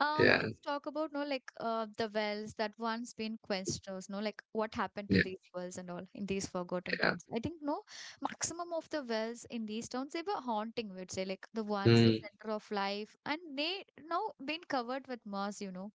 [SPEAKER 2] Yeah,
[SPEAKER 1] Let's talk about, no, like, the wells that once been quenched, those, no, like, what happened to
[SPEAKER 2] yeah,
[SPEAKER 1] these wells and all in these forgotten
[SPEAKER 2] yeah.
[SPEAKER 1] towns. I think, no, maximum of the wells in these towns, they were haunting, we'd say, like, the ones the
[SPEAKER 2] Mm,
[SPEAKER 1] center of life, and they now been covered with moss.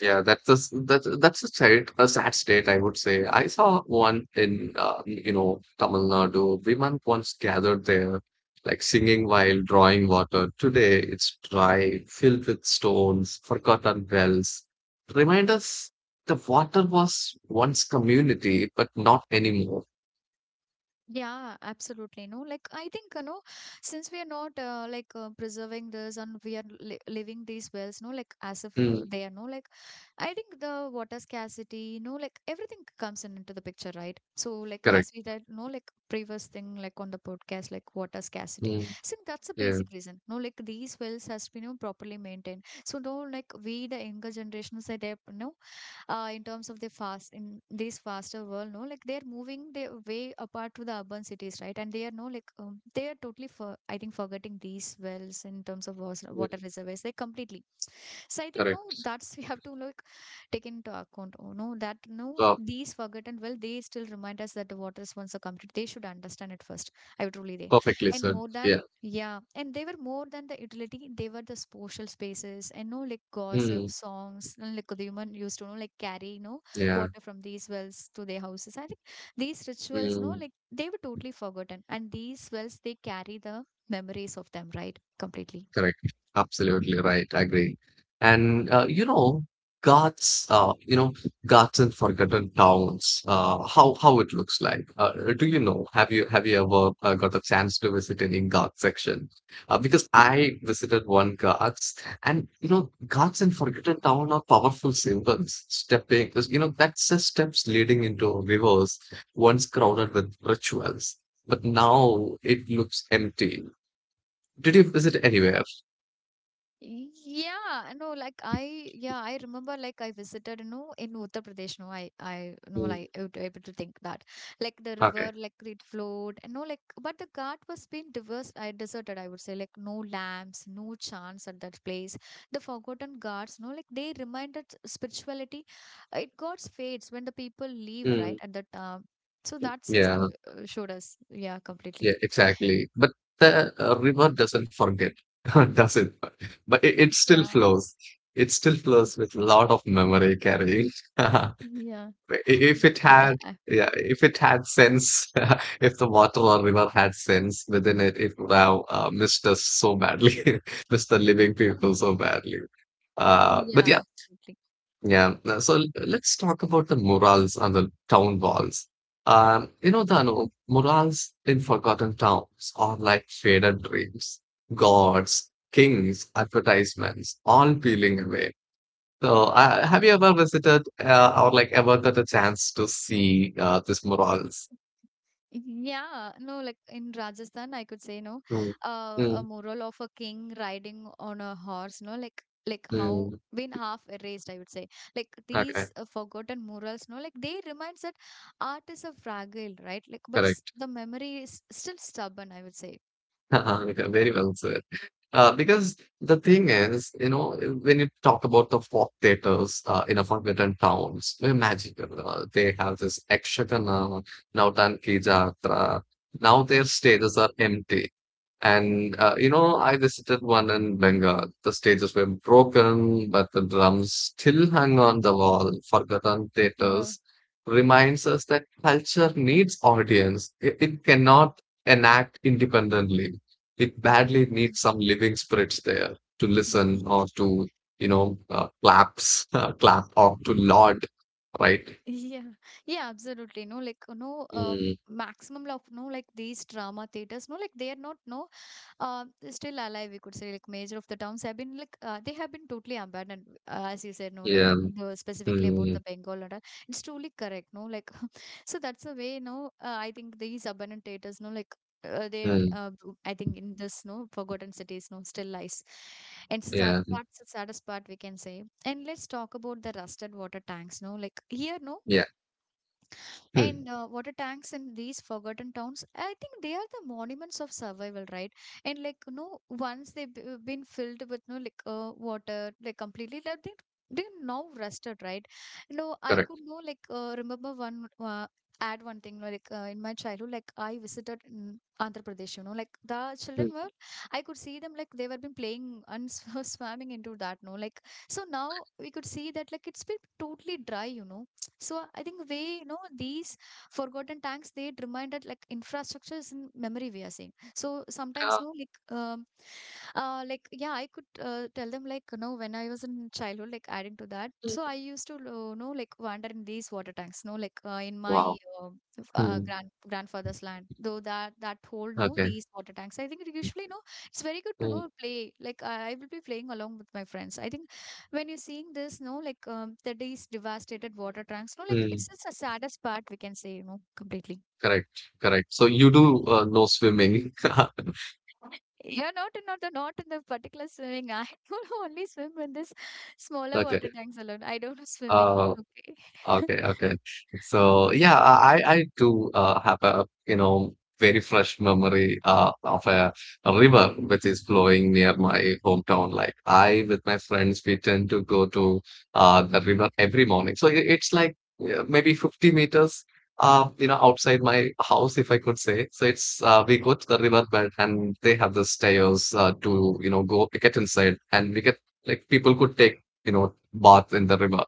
[SPEAKER 2] yeah, that's a sad state, I would say. I saw one in Tamil Nadu. Women once gathered there, like singing while drawing water. Today it's dry, filled with stones, forgotten wells. Remind us the water was once community, but not anymore.
[SPEAKER 1] Yeah, absolutely, no, like, I think, since we are not, like, preserving this, and we are living these wells, no, like, as if,
[SPEAKER 2] Mm,
[SPEAKER 1] they are, no, like, I think the water scarcity, like, everything comes in into the picture, right? So, like,
[SPEAKER 2] correct.
[SPEAKER 1] as we said, no, like, previous thing, like, on the podcast, like, water scarcity.
[SPEAKER 2] Mm,
[SPEAKER 1] So that's a
[SPEAKER 2] yeah,
[SPEAKER 1] basic reason. No, like, these wells has been properly maintained. So, no, like, we the younger generations that they, in terms of the fast in this faster world, no, like, they're moving their way apart to the urban cities, right? And they are, no, like, they are totally for, I think, forgetting these wells in terms of water
[SPEAKER 2] mm,
[SPEAKER 1] reservoirs. They completely. So I think, no,
[SPEAKER 2] correct.
[SPEAKER 1] that's we have to, like, take into account. Oh no, that no,
[SPEAKER 2] Uh,
[SPEAKER 1] these forgotten well, they still remind us that the water is once a complete. They should understand it first. I would really there.
[SPEAKER 2] Perfectly
[SPEAKER 1] And
[SPEAKER 2] said.
[SPEAKER 1] more than,
[SPEAKER 2] Yeah.
[SPEAKER 1] yeah, and they were more than the utility, they were the social spaces and, no, like, gossip,
[SPEAKER 2] Mm,
[SPEAKER 1] songs, and, like, the human used to know, like, carry,
[SPEAKER 2] yeah,
[SPEAKER 1] water from these wells to their houses. I think these rituals, no,
[SPEAKER 2] mm,
[SPEAKER 1] like, they were totally forgotten. And these wells they carry the memories of them, right? Completely.
[SPEAKER 2] correct. Absolutely right. Agree. And Ghats, Ghats and Forgotten Towns. How it looks like? Do you know? Have you ever got a chance to visit any Ghats section? Because I
[SPEAKER 1] Mm.
[SPEAKER 2] visited one Ghats, and Ghats and Forgotten Town are powerful symbols. Stepping, that's just steps leading into rivers once crowded with rituals, but now it looks empty. Did you visit anywhere else?
[SPEAKER 1] Yeah, no, like, I, yeah, I remember, like, I visited, in Uttar Pradesh, no, I, no,
[SPEAKER 2] Mm,
[SPEAKER 1] like, I would be able to think that, like the river,
[SPEAKER 2] okay.
[SPEAKER 1] like it flowed, and, no, like, but the ghat was being diverse, I deserted, I would say, like no lamps, no chants at that place. The forgotten ghats, no, like, they reminded spirituality, it God's fades when the people leave,
[SPEAKER 2] Mm,
[SPEAKER 1] right, at that time. So that's it
[SPEAKER 2] yeah,
[SPEAKER 1] showed us, yeah,
[SPEAKER 2] yeah,
[SPEAKER 1] completely.
[SPEAKER 2] exactly. But the river doesn't forget, does it? But it still
[SPEAKER 1] Yeah,
[SPEAKER 2] flows. It still flows with a lot of memory carrying. I-
[SPEAKER 1] yeah,
[SPEAKER 2] If it had,
[SPEAKER 1] yeah.
[SPEAKER 2] yeah, if it had sense, if the water or river had sense within it, it would have missed us so badly, missed the living people so badly. But
[SPEAKER 1] Yeah,
[SPEAKER 2] yeah.
[SPEAKER 1] absolutely.
[SPEAKER 2] Yeah. So let's talk about the murals on the town walls. Dano, murals in forgotten towns are like faded dreams, gods, kings, advertisements, all peeling away. So, have you ever visited or like ever got a chance to see these murals?
[SPEAKER 1] Mhm. Yeah, no, like, in Rajasthan, I could say, no,
[SPEAKER 2] Mm,
[SPEAKER 1] a
[SPEAKER 2] mm,
[SPEAKER 1] mural of a king riding on a horse, no, like how
[SPEAKER 2] mm.
[SPEAKER 1] been half erased, I would say. Like
[SPEAKER 2] Okay,
[SPEAKER 1] these, forgotten murals, no, like, they reminds that art is a fragile, right? Like, but s
[SPEAKER 2] correct.
[SPEAKER 1] the memory is still stubborn, I would say.
[SPEAKER 2] Okay. Very well said. Because the thing is, when you talk about the folk theaters in a forgotten towns, they're magical. They have this Ekshagana, Nautanki Jatra. Now their stages are empty. And, I visited one in Bengal. The stages were broken, but the drums still hung on the wall. Forgotten
[SPEAKER 1] Uh,
[SPEAKER 2] theaters reminds us that culture needs audience. It cannot enact independently. It badly
[SPEAKER 1] mm,
[SPEAKER 2] needs some living spirits there to listen or to claps clap or to laud, right.
[SPEAKER 1] Yeah, yeah, absolutely. No, like, no,
[SPEAKER 2] Mm,
[SPEAKER 1] maximum of, no, like, these drama theaters. No, like, they are not no, uh, still alive, we could say, like, major of the towns have been, like, they have been totally abandoned, as you said, no, like,
[SPEAKER 2] yeah.
[SPEAKER 1] specifically about the
[SPEAKER 2] Mm,
[SPEAKER 1] Bengal and all, it's truly correct, no, like, so that's the way, no, I think these abandoned theaters, no, like,
[SPEAKER 2] mm,
[SPEAKER 1] I think in this no forgotten cities no still lies, and so that,
[SPEAKER 2] yeah.
[SPEAKER 1] that's the saddest part, we can say. And let's talk about the rusted water tanks, no, like, here, no.
[SPEAKER 2] Yeah. Mm,
[SPEAKER 1] And water tanks in these forgotten towns, I think they are the monuments of survival, right? And, like, once they've been filled with, no, like, water, like completely, like, they now rusted, right? No, I
[SPEAKER 2] correct.
[SPEAKER 1] could know, like, remember one, add one thing, no, like, in my childhood, like, I visited Andhra Pradesh, like, the children
[SPEAKER 2] Mm,
[SPEAKER 1] were, I could see them, like, they were been playing and swimming into that, no, like, so now we could see that, like, it's been totally dry. So I think we these forgotten tanks, they remind that, like, infrastructure is in memory, we are saying. So
[SPEAKER 2] yeah,
[SPEAKER 1] sometimes, no, like, like, yeah, I could, tell them, like, when I was in childhood, like, adding to that.
[SPEAKER 2] mm,
[SPEAKER 1] So I used to, know, like, wander in these water tanks. No, like, in
[SPEAKER 2] wow.
[SPEAKER 1] my
[SPEAKER 2] Mm,
[SPEAKER 1] grandfather's land. Though that whole no
[SPEAKER 2] okay.
[SPEAKER 1] these water tanks. I think it
[SPEAKER 2] Mm,
[SPEAKER 1] usually no, it's very good to know play, like, I will be playing along with my friends, I think. When you're seeing this, no, like, these devastated water tanks, no, like,
[SPEAKER 2] mm,
[SPEAKER 1] it's just the saddest part, we can say, completely.
[SPEAKER 2] correct. Correct. So you do know swimming?
[SPEAKER 1] You're not in the particular swimming. I don't only swim in this smaller water
[SPEAKER 2] Okay.
[SPEAKER 1] tanks alone. I don't know swimming.
[SPEAKER 2] uh
[SPEAKER 1] Okay.
[SPEAKER 2] Okay, okay. So yeah, I do have a very fresh memory of a river which is flowing near my hometown. Like I with my friends, we tend to go to the river every morning. So it's like maybe 50 meters outside my house if I could say. So it's we go to the riverbed and they have the stairs to go get inside and we get like people could take bath in the river.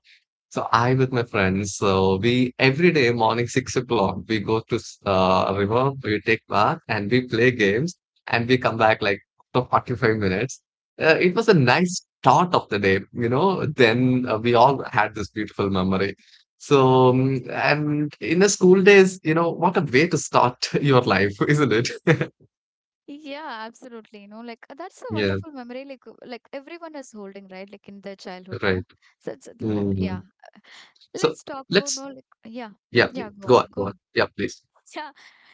[SPEAKER 2] So I with my friends, so we every day morning 6 o'clock we go to river, we take bath and we play games and we come back like for 45 minutes. It was a nice start of the day. Then we all had this beautiful memory. So and in the school days, what a way to start your life, isn't it?
[SPEAKER 1] Yeah, absolutely. You know, like, that's a
[SPEAKER 2] Yeah,
[SPEAKER 1] wonderful memory. Like, like, everyone is holding, right? Like in their childhood,
[SPEAKER 2] right.
[SPEAKER 1] no. So it's,
[SPEAKER 2] Mm.
[SPEAKER 1] yeah.
[SPEAKER 2] So
[SPEAKER 1] Let's talk about,
[SPEAKER 2] let's,
[SPEAKER 1] no. Like, yeah,
[SPEAKER 2] yeah,
[SPEAKER 1] yeah. Go
[SPEAKER 2] go
[SPEAKER 1] on,
[SPEAKER 2] on,
[SPEAKER 1] go
[SPEAKER 2] go on.
[SPEAKER 1] on.
[SPEAKER 2] Yeah, please.
[SPEAKER 1] Yeah.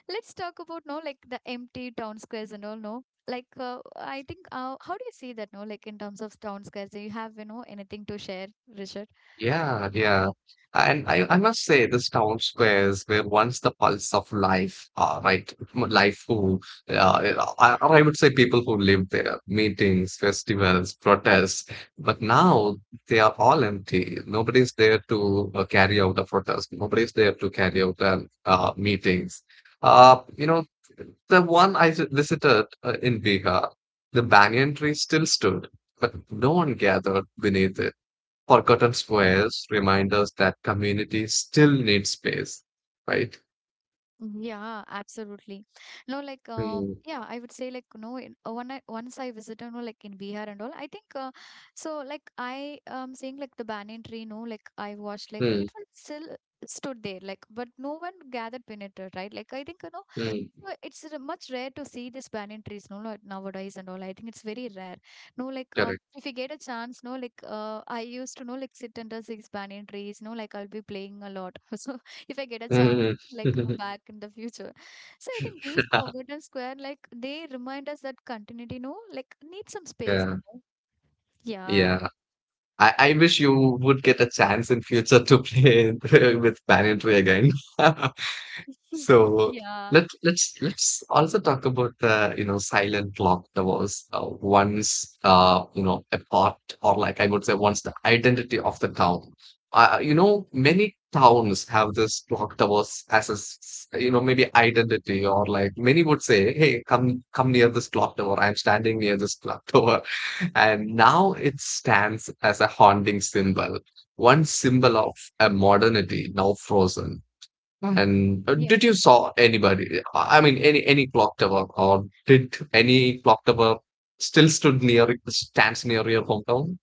[SPEAKER 1] Let's talk about, no, like, the empty town squares and all, no. Like, I think, how do you see that, no, like, in terms of town squares? Do you have, anything to share, Richard?
[SPEAKER 2] Yeah, yeah. And I must say, these town squares were once the pulse of life, right? Life who, or I would say people who lived there, meetings, festivals, protests. But now they are all empty. Nobody's there to carry out a protest. Nobody's there to carry out meetings. Uh, you know, the one I visited in Bihar, the banyan tree still stood, but no one gathered beneath it. Forgotten Squares remind us that communities still need space, right?
[SPEAKER 1] Yeah, absolutely. No, like,
[SPEAKER 2] Mm,
[SPEAKER 1] yeah, I would say, like no. In, when I once I visited, no, like, in Bihar and all, I think, so. Like I seeing, like, the banyan tree, no, like, I watched, like,
[SPEAKER 2] mm,
[SPEAKER 1] it was still stood there, like, but no one gathered beneath it, right? Like, I think, you know
[SPEAKER 2] mm,
[SPEAKER 1] Uh, It's much rare to see these banyan trees, no, no, nowadays and all. I think it's very rare. No, like,
[SPEAKER 2] correct.
[SPEAKER 1] if you get a chance, no, like, I used to know, like, sit under these banyan trees, no, like, I'll be playing a lot. So if I get a chance,
[SPEAKER 2] Mm.
[SPEAKER 1] like, back in the future, so I think these forgotten square, like, they remind us that continuity, no, like, need some space.
[SPEAKER 2] Yeah,
[SPEAKER 1] You know? Yeah,
[SPEAKER 2] yeah. I wish you would get a chance in future to play with Banyan Tree again. So
[SPEAKER 1] yeah,
[SPEAKER 2] let's also talk about the silent clock that was once a part, or like I would say once the identity of the town. Many towns have this clock that as a maybe identity, or like many would say, hey come near this clock tower, I'm standing near this clock tower. And now it stands as a haunting symbol, one symbol of a modernity now frozen. And did you saw anybody? I mean, any clock tower, or did
[SPEAKER 1] yeah.
[SPEAKER 2] any clock tower still stood near stands near your hometown?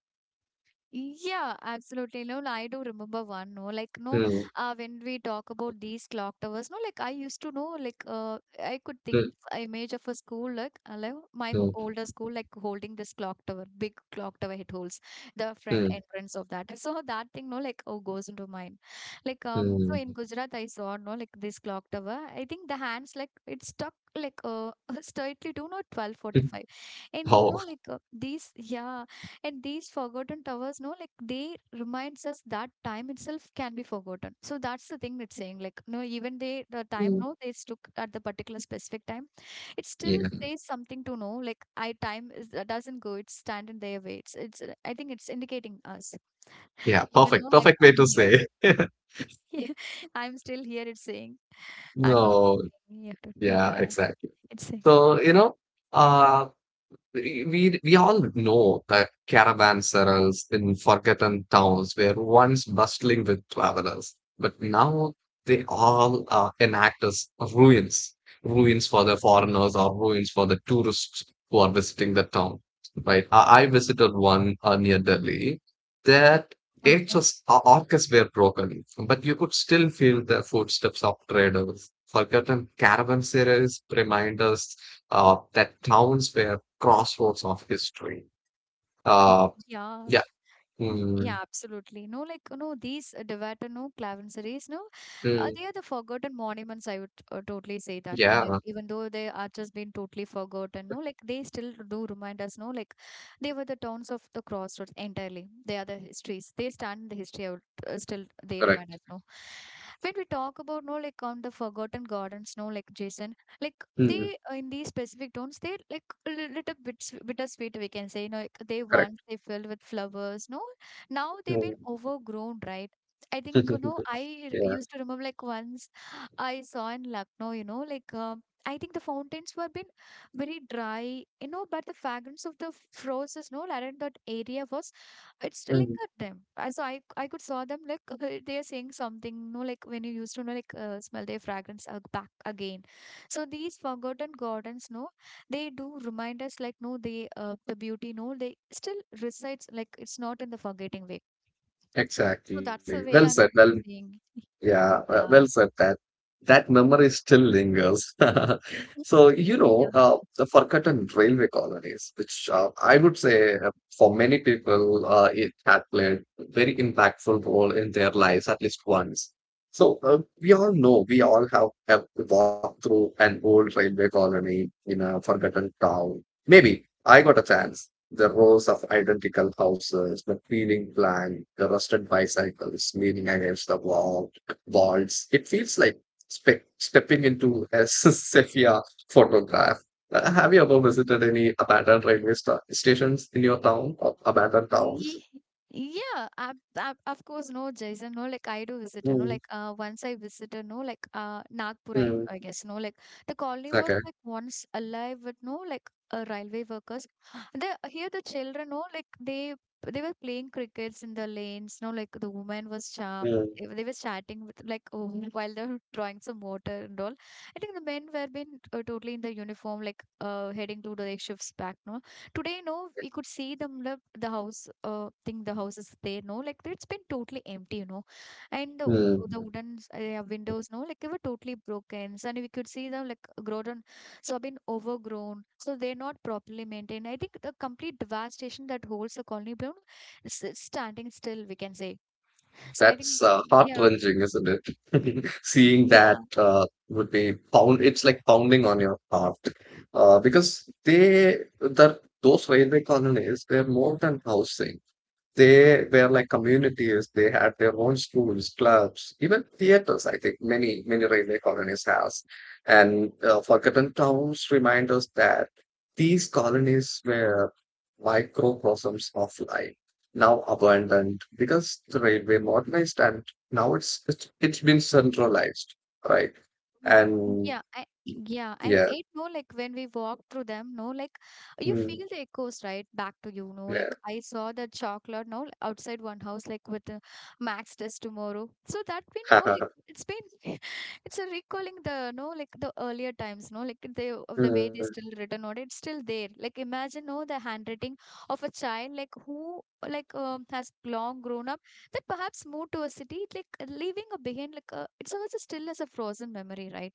[SPEAKER 1] Yeah, absolutely. No, no, I do remember one. No, like, no,
[SPEAKER 2] Mm,
[SPEAKER 1] when we talk about these clock towers, no, like, I used to know, like, I could
[SPEAKER 2] mm,
[SPEAKER 1] think a image of a school, like, like my
[SPEAKER 2] mm,
[SPEAKER 1] older school, like, holding this clock tower, big clock tower it holds the front
[SPEAKER 2] mm,
[SPEAKER 1] entrance of that. So that thing, no, like, oh, goes into mind. Like, so
[SPEAKER 2] mm.
[SPEAKER 1] in Gujarat, I saw, no, like, this clock tower. I think the hands, like it's stuck, like straightly to no twelve forty five, and no,
[SPEAKER 2] Oh,
[SPEAKER 1] like these, yeah and these forgotten towers, no, like they reminds us that time itself can be forgotten. So that's the thing that's saying, like no, even they the time,
[SPEAKER 2] mm.
[SPEAKER 1] no, they took at the particular specific time, it still
[SPEAKER 2] Yeah,
[SPEAKER 1] says something to know, like I time is, doesn't go, it's standing there, waits, it's. I think it's indicating us
[SPEAKER 2] yeah,
[SPEAKER 1] even
[SPEAKER 2] perfect,
[SPEAKER 1] though like
[SPEAKER 2] perfect way
[SPEAKER 1] I'm
[SPEAKER 2] to
[SPEAKER 1] here.
[SPEAKER 2] say.
[SPEAKER 1] Yeah, I'm still here, it's saying I'm not
[SPEAKER 2] No,
[SPEAKER 1] moving. Yeah,
[SPEAKER 2] yeah,
[SPEAKER 1] yeah,
[SPEAKER 2] exactly.
[SPEAKER 1] it's saying
[SPEAKER 2] So uh, we all know that caravans in forgotten towns were once bustling with travelers, but now they all are enact as ruins, ruins for the foreigners or ruins for the tourists who are visiting the town. Right? I visited one near Delhi that it
[SPEAKER 1] something.
[SPEAKER 2] just orcas were broken, but you could still feel the footsteps of traders. Forgotten caravanserais remind us that towns were crossroads of history. Uh,
[SPEAKER 1] Yeah.
[SPEAKER 2] yeah,
[SPEAKER 1] Yeah,
[SPEAKER 2] mm,
[SPEAKER 1] absolutely. No, like, you know, these Devato, no, Clavenseries, no,
[SPEAKER 2] mm,
[SPEAKER 1] they are the forgotten monuments. I would totally say that, no, like,
[SPEAKER 2] yeah,
[SPEAKER 1] even though they are just been totally forgotten, no, like, they still do remind us, no, like, they were the towns of the crossroads entirely. They are the histories. They stand in the history. I would still, they remind us,
[SPEAKER 2] correct,
[SPEAKER 1] no. When we talk about, no, like, on the forgotten gardens, no, like, Jason, like,
[SPEAKER 2] mm,
[SPEAKER 1] they, in these specific towns, they, like, a little bit bittersweet, we can say, you know, like, they
[SPEAKER 2] correct.
[SPEAKER 1] once, they filled with flowers, no, now they've been
[SPEAKER 2] Mm.
[SPEAKER 1] overgrown, right? I think, you know,
[SPEAKER 2] Yeah,
[SPEAKER 1] used to remember, like once I saw in Lucknow, you know, like I think the fountains were been very dry, you know, but the fragrance of the roses, no, around that area was it's lingered
[SPEAKER 2] mm,
[SPEAKER 1] them. So I could saw them like they are saying something, no, like when you used to know like smell their fragrance back again. So these forgotten gardens, no, they do remind us, like no, they the beauty, no, they still resides, like it's not in the forgetting way. So that's
[SPEAKER 2] exactly.
[SPEAKER 1] the way
[SPEAKER 2] Well
[SPEAKER 1] I'm
[SPEAKER 2] said. Well.
[SPEAKER 1] saying.
[SPEAKER 2] Yeah,
[SPEAKER 1] Yeah.
[SPEAKER 2] well said that. That memory still lingers. So the forgotten railway colonies, which I would say for many people, it had played a very impactful role in their lives at least once. So, we all know, we all have walked through an old railway colony in a forgotten town. Maybe I got a chance. The rows of identical houses, the peeling plant, the rusted bicycles leaning against the walls. It feels like stepping into a sepia photograph. Have you ever visited any abandoned railway stations in your town or abandoned towns?
[SPEAKER 1] Ye- Yeah, ab ab of course, no, Jason, no, like I do visit, you know,
[SPEAKER 2] Mm,
[SPEAKER 1] like once I visited, no, like Nagpur, I
[SPEAKER 2] mm,
[SPEAKER 1] guess, no, like the colony was
[SPEAKER 2] okay.
[SPEAKER 1] like once alive with no, like railway workers. The here the children, no, like they were playing crickets in the lanes, no, like the woman was sharp.
[SPEAKER 2] Mm,
[SPEAKER 1] They were chatting with like oh, while they're drawing some water and all. I think the men were been totally in the uniform, like heading to the shifts back. No, today no, we could see them the, matlab, the house think the house is there, no, like it's been totally empty, you know, and the, the
[SPEAKER 2] mm.
[SPEAKER 1] wooden windows, no, like they were totally broken and we could see them like grown, so been overgrown, so they're not properly maintained. I think the complete devastation that holds the colony bloom is standing still, we can say. So I think
[SPEAKER 2] That's
[SPEAKER 1] yeah
[SPEAKER 2] heart-wrenching, isn't it? Seeing
[SPEAKER 1] yeah.
[SPEAKER 2] that would be pound. It's like pounding on your heart because they that those railway colonies were more than housing. They were like communities. They had their own schools, clubs, even theaters. I think many railway colonies has. And Forgotten Towns remind us that these colonies were microcosms of life, now abandoned because the railway modernized and now it's been centralized, right?
[SPEAKER 1] Mm-hmm.
[SPEAKER 2] And
[SPEAKER 1] Yeah, yeah, and
[SPEAKER 2] yeah,
[SPEAKER 1] it no, like when we walk through them, no, like you
[SPEAKER 2] mm,
[SPEAKER 1] feel the echoes right back to you. No,
[SPEAKER 2] yeah.
[SPEAKER 1] like I saw that chocolate no outside one house like with the Max test tomorrow. So that been no, like it's been it's a recalling the, no, like the earlier times, no, like they of the way they still written on it, it's still there. Like imagine no the handwriting of a child like who like has long grown up, that perhaps moved to a city, like leaving a behind, like a, it's always still as a frozen memory, right?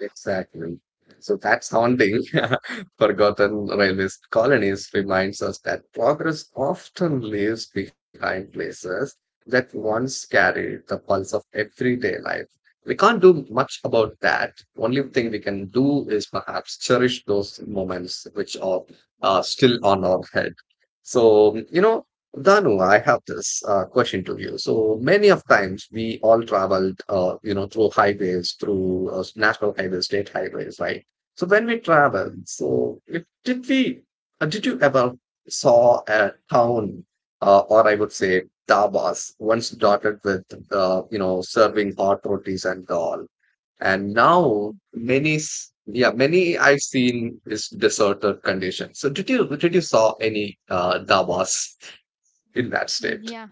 [SPEAKER 2] Exactly. So that's haunting. Forgotten railway colonies reminds us that progress often leaves behind places that once carried the pulse of everyday life. We can't do much about that. Only thing we can do is perhaps cherish those moments which are still on our head. So, you know, Danu, I have this question to you. So many of times we all traveled, through highways, through national highways, state highways, right? So when we travel, did you ever saw a town, or I would say dhabas, once dotted with, serving hot rotis and all, and now yeah, many I've seen is deserted condition. So did you saw any dhabas in that state?
[SPEAKER 1] Yeah,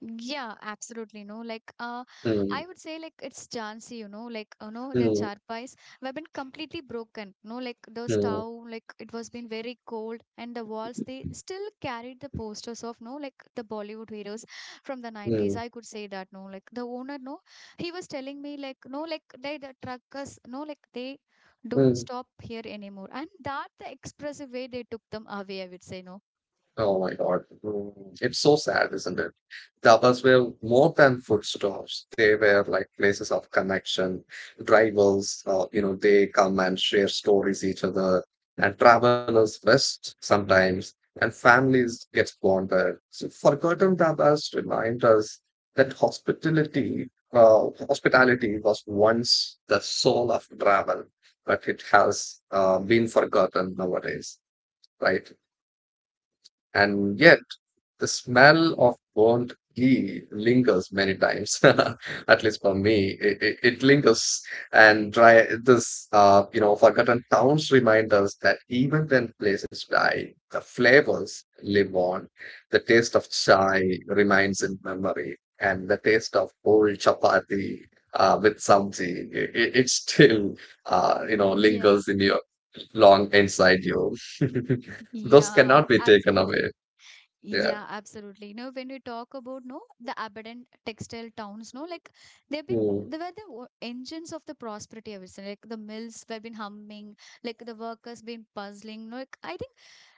[SPEAKER 1] yeah, absolutely. No, like I
[SPEAKER 2] Mm,
[SPEAKER 1] would say like it's Jhansi, you know, like you know the
[SPEAKER 2] mm,
[SPEAKER 1] charpais have been completely broken. No, like the
[SPEAKER 2] mm,
[SPEAKER 1] stove, like it was been very cold, and the walls they still carried the posters of no, like the Bollywood heroes from the
[SPEAKER 2] mm,
[SPEAKER 1] nineties. I could say that. No, like the owner, no, he was telling me like no, like they the truckers, no, like they don't
[SPEAKER 2] mm.
[SPEAKER 1] stop here anymore, and that the expressive way they took them away. I would say no.
[SPEAKER 2] Oh my God. Mm, it's so sad, isn't it? Tapas were more than food stores. They were like places of connection, rivals, they come and share stories each other, and travelers rest sometimes, and families get born there. So forgotten tapas remind us that hospitality was once the soul of travel, but it has been forgotten nowadays, right? And yet, the smell of burnt ghee lingers many times. At least for me, it lingers. And dry, forgotten towns remind us that even when places die, the flavors live on. The taste of chai remains in memory, and the taste of old chapati with sabzi, it still,
[SPEAKER 1] Yeah,
[SPEAKER 2] lingers in your long inside you. Those
[SPEAKER 1] yeah,
[SPEAKER 2] cannot be taken
[SPEAKER 1] absolutely.
[SPEAKER 2] away. Yeah.
[SPEAKER 1] Yeah, absolutely. You know, when we talk about no the abandoned textile towns, no, like they've been
[SPEAKER 2] Hmm.
[SPEAKER 1] they were the engines of the prosperity, I would say. Like the mills were been humming, like the workers been puzzling, no. Like I think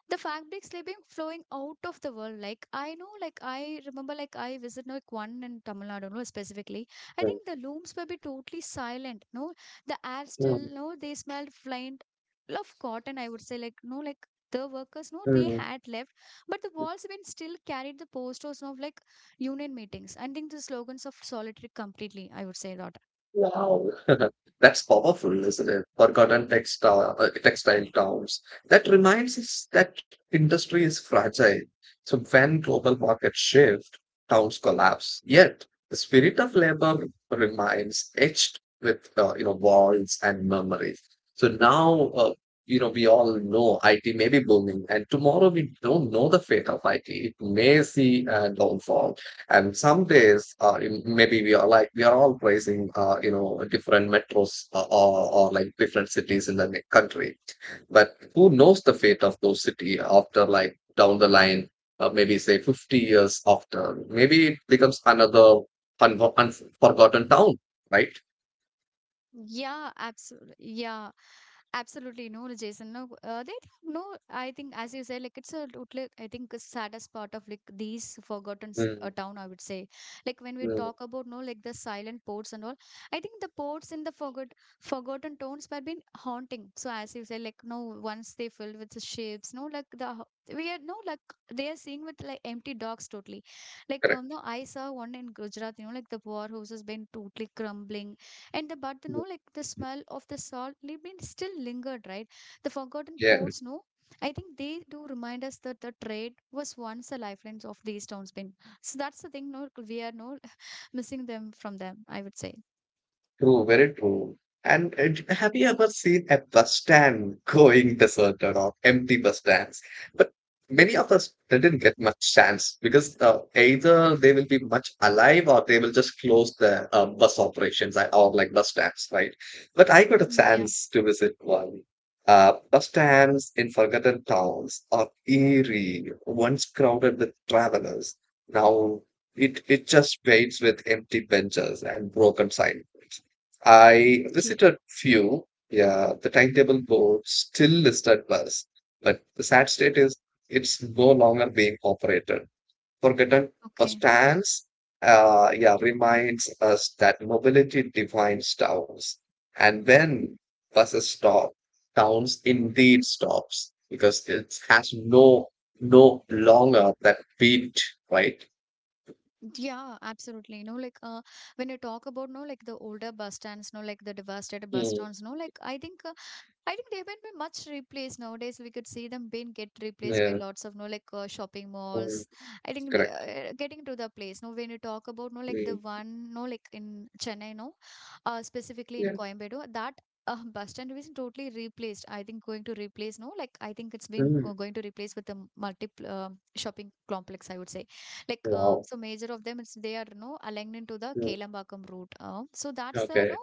[SPEAKER 1] the fabrics they been flowing out of the world, like I know, like I remember, like I visited like one in Tamil Nadu, no, specifically. I
[SPEAKER 2] Mm,
[SPEAKER 1] think the looms will be totally silent, no, the air still
[SPEAKER 2] mm,
[SPEAKER 1] no they smelled faint of cotton, I would say, like no, like the workers, no, they
[SPEAKER 2] mm.
[SPEAKER 1] had left, but the walls been still carried the posters of like union meetings and think the slogans of solitary completely, I would say that.
[SPEAKER 2] Wow, that's powerful, isn't it? Forgotten textile towns. That reminds us that industry is fragile. So when global markets shift, towns collapse. Yet the spirit of labor remains etched with walls and memories. So now we all know IT may be booming, and tomorrow we don't know the fate of IT. It may see a downfall. And some days, maybe we are all praising, different metros or like different cities in the country. But who knows the fate of those city after like down the line, maybe say 50 years after, maybe it becomes another unforgotten town, right?
[SPEAKER 1] Yeah, absolutely. Yeah, absolutely. No, Jason. No, they no. I think, as you said, like it's a totally. I think a saddest part of like these forgotten
[SPEAKER 2] Hmm.
[SPEAKER 1] town, I would say, like when we
[SPEAKER 2] Да,
[SPEAKER 1] talk about no, like the silent ports and all. I think the ports in the forgotten towns have been haunting. So as you said, like no, once they filled with the ships, no, like the we are no, like they are seeing with like empty docks totally. Like
[SPEAKER 2] верно.
[SPEAKER 1] no, I saw one in Gujarat. You know, like the powerhouse has been totally crumbling, and the but the no
[SPEAKER 2] Да.
[SPEAKER 1] like the smell of the salt living still lingered, right? The forgotten ports no, I think they do remind us that the trade was once the lifelines of these towns been. So that's the thing, no, we are no missing them from them, I would say.
[SPEAKER 2] True, very true. And have you ever seen a bus stand going deserted or empty bus stands? But many of us didn't get much chance because either they will be much alive or they will just close the bus operations or like bus stands, right? But I got a
[SPEAKER 1] Mm, yeah.
[SPEAKER 2] chance to visit one. Bus stands in forgotten towns are eerie, once crowded with travelers. Now it just waits with empty benches and broken signs. I
[SPEAKER 1] Yeah.
[SPEAKER 2] visited few. Yeah, the timetable board still listed bus, but the sad state is it's no longer being operated. Forgotten bus
[SPEAKER 1] Okay.
[SPEAKER 2] stands, yeah, reminds us that mobility defines towns. And when buses stop, towns indeed stops because it has no no longer that beat, right?
[SPEAKER 1] Yeah, absolutely. You know, like when you talk about no, like the older bus stands, no, like the devastated bus
[SPEAKER 2] Mm,
[SPEAKER 1] stands, no, like I think they've been much replaced nowadays. We could see them being get replaced by
[SPEAKER 2] yeah,
[SPEAKER 1] lots of no like shopping
[SPEAKER 2] mm,
[SPEAKER 1] malls. I think they
[SPEAKER 2] correct.
[SPEAKER 1] are getting to the place. No, when you talk about no like the
[SPEAKER 2] Mm,
[SPEAKER 1] one no like in Chennai, no, specifically in
[SPEAKER 2] yeah.
[SPEAKER 1] Coimbatore, that bus stand is totally replaced. I think going to replace no like I think it's been
[SPEAKER 2] Mm,
[SPEAKER 1] going to replace with the multiple shopping complex, I would say. Like
[SPEAKER 2] wow.
[SPEAKER 1] so major of them it's they are no aligned into the
[SPEAKER 2] Hmm.
[SPEAKER 1] Kelambakam route. So that's the no
[SPEAKER 2] Okay.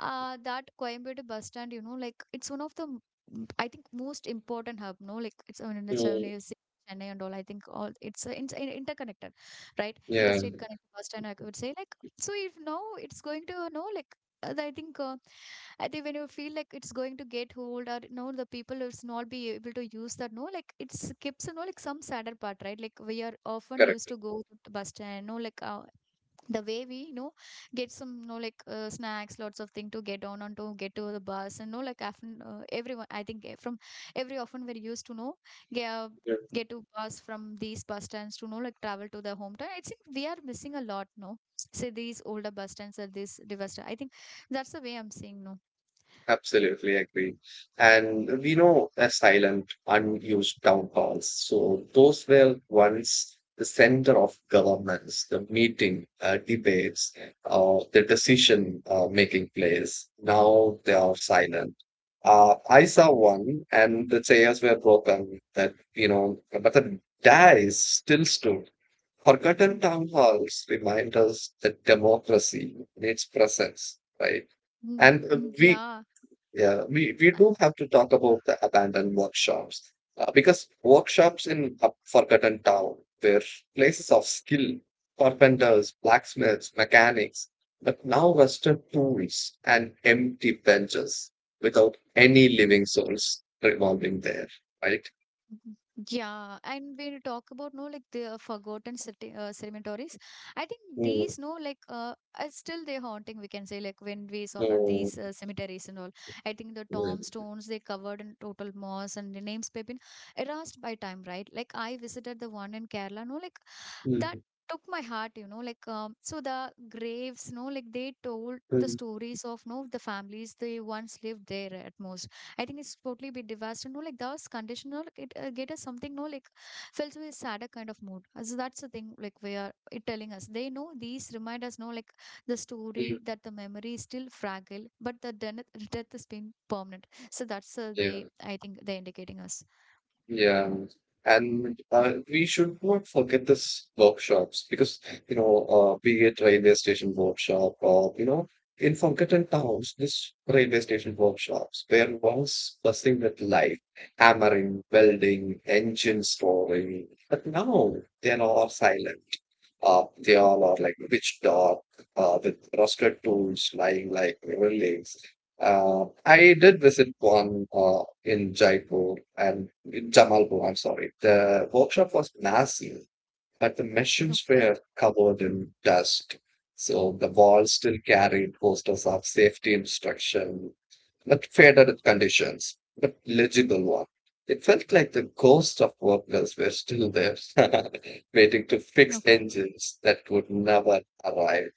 [SPEAKER 1] that Coimbatore bus stand, you know, like it's one of the, I think, most important hub, no? Like it's in the
[SPEAKER 2] Mm,
[SPEAKER 1] Chennai, Chennai and all. I think all it's interconnected, right?
[SPEAKER 2] yeah,
[SPEAKER 1] Interstate connected bus stand, I would say. Like, so if now it's going to, no, like, uh, I think uh, I think when you feel like it's going to get old or no, the people is not be able to use that. No, like it's keeps you know like some sadder part, right? Like we are often used
[SPEAKER 2] correct.
[SPEAKER 1] to go to the bus stand, no, like the way we you know get some you know like snacks lots of thing to get on and to get to the bus, and you know like often everyone I think from every often we're used to know get, uh,
[SPEAKER 2] Yeah,
[SPEAKER 1] get to bus from these bus stands to you know like travel to the hometown. I think we are missing a lot, no, say these older bus stands are this devastated. I think that's the way I'm saying, no.
[SPEAKER 2] absolutely agree. And we know a silent, unused town halls. So those were once the center of governments, the meeting, debates, the decision making place. Now they are silent. I saw one, and the chairs were broken. That you know, but the dais still stood. Forgotten
[SPEAKER 1] Mm,
[SPEAKER 2] town halls remind us that democracy needs presence, right?
[SPEAKER 1] mm,
[SPEAKER 2] And uh,
[SPEAKER 1] mm,
[SPEAKER 2] we,
[SPEAKER 1] yeah.
[SPEAKER 2] yeah, we do have to talk about the abandoned workshops because workshops in a forgotten town were places of skill, carpenters, blacksmiths, mechanics, but now rusted tools and empty benches without any living souls revolving there, right?
[SPEAKER 1] Yeah, and when you talk about no like the forgotten city, cemeteries, I think
[SPEAKER 2] Mm,
[SPEAKER 1] these no like are still they haunting, we can say, like when we saw about
[SPEAKER 2] mm,
[SPEAKER 1] these cemeteries and all. I think the
[SPEAKER 2] mm,
[SPEAKER 1] tombstones they covered in total moss and the names have been erased by time, right? Like I visited the one in Kerala, no like that
[SPEAKER 2] mm,
[SPEAKER 1] took my heart, you know, like so the graves, no, like they told the
[SPEAKER 2] mm,
[SPEAKER 1] stories of no the families they once lived there at most. I think it's totally be devastating, no, like those conditional, like it get us something, no, like felt with sadder kind of mood. So that's the thing, like we are it telling us they know these remind us, no, like the story
[SPEAKER 2] mm,
[SPEAKER 1] that the memory is still fragile, but the death has been permanent. So that's they
[SPEAKER 2] yeah.
[SPEAKER 1] I think they're indicating us.
[SPEAKER 2] Yeah, and we should not forget this workshops because be it railway station workshop or in forgotten towns, this railway station workshops where once bustling with life, hammering, welding, engine storing, but now they are all silent. They all are like pitch dark with rusted tools lying like river lakes. I did visit one in Jaipur and in Jamalpur, I'm sorry. The workshop was massive but the machines
[SPEAKER 1] Okay.
[SPEAKER 2] were covered in dust. So the walls still carried posters of safety instruction, but faded conditions, but legible one. It felt like the ghosts of workers were still there, waiting to fix
[SPEAKER 1] Okay.
[SPEAKER 2] engines that would never arrive.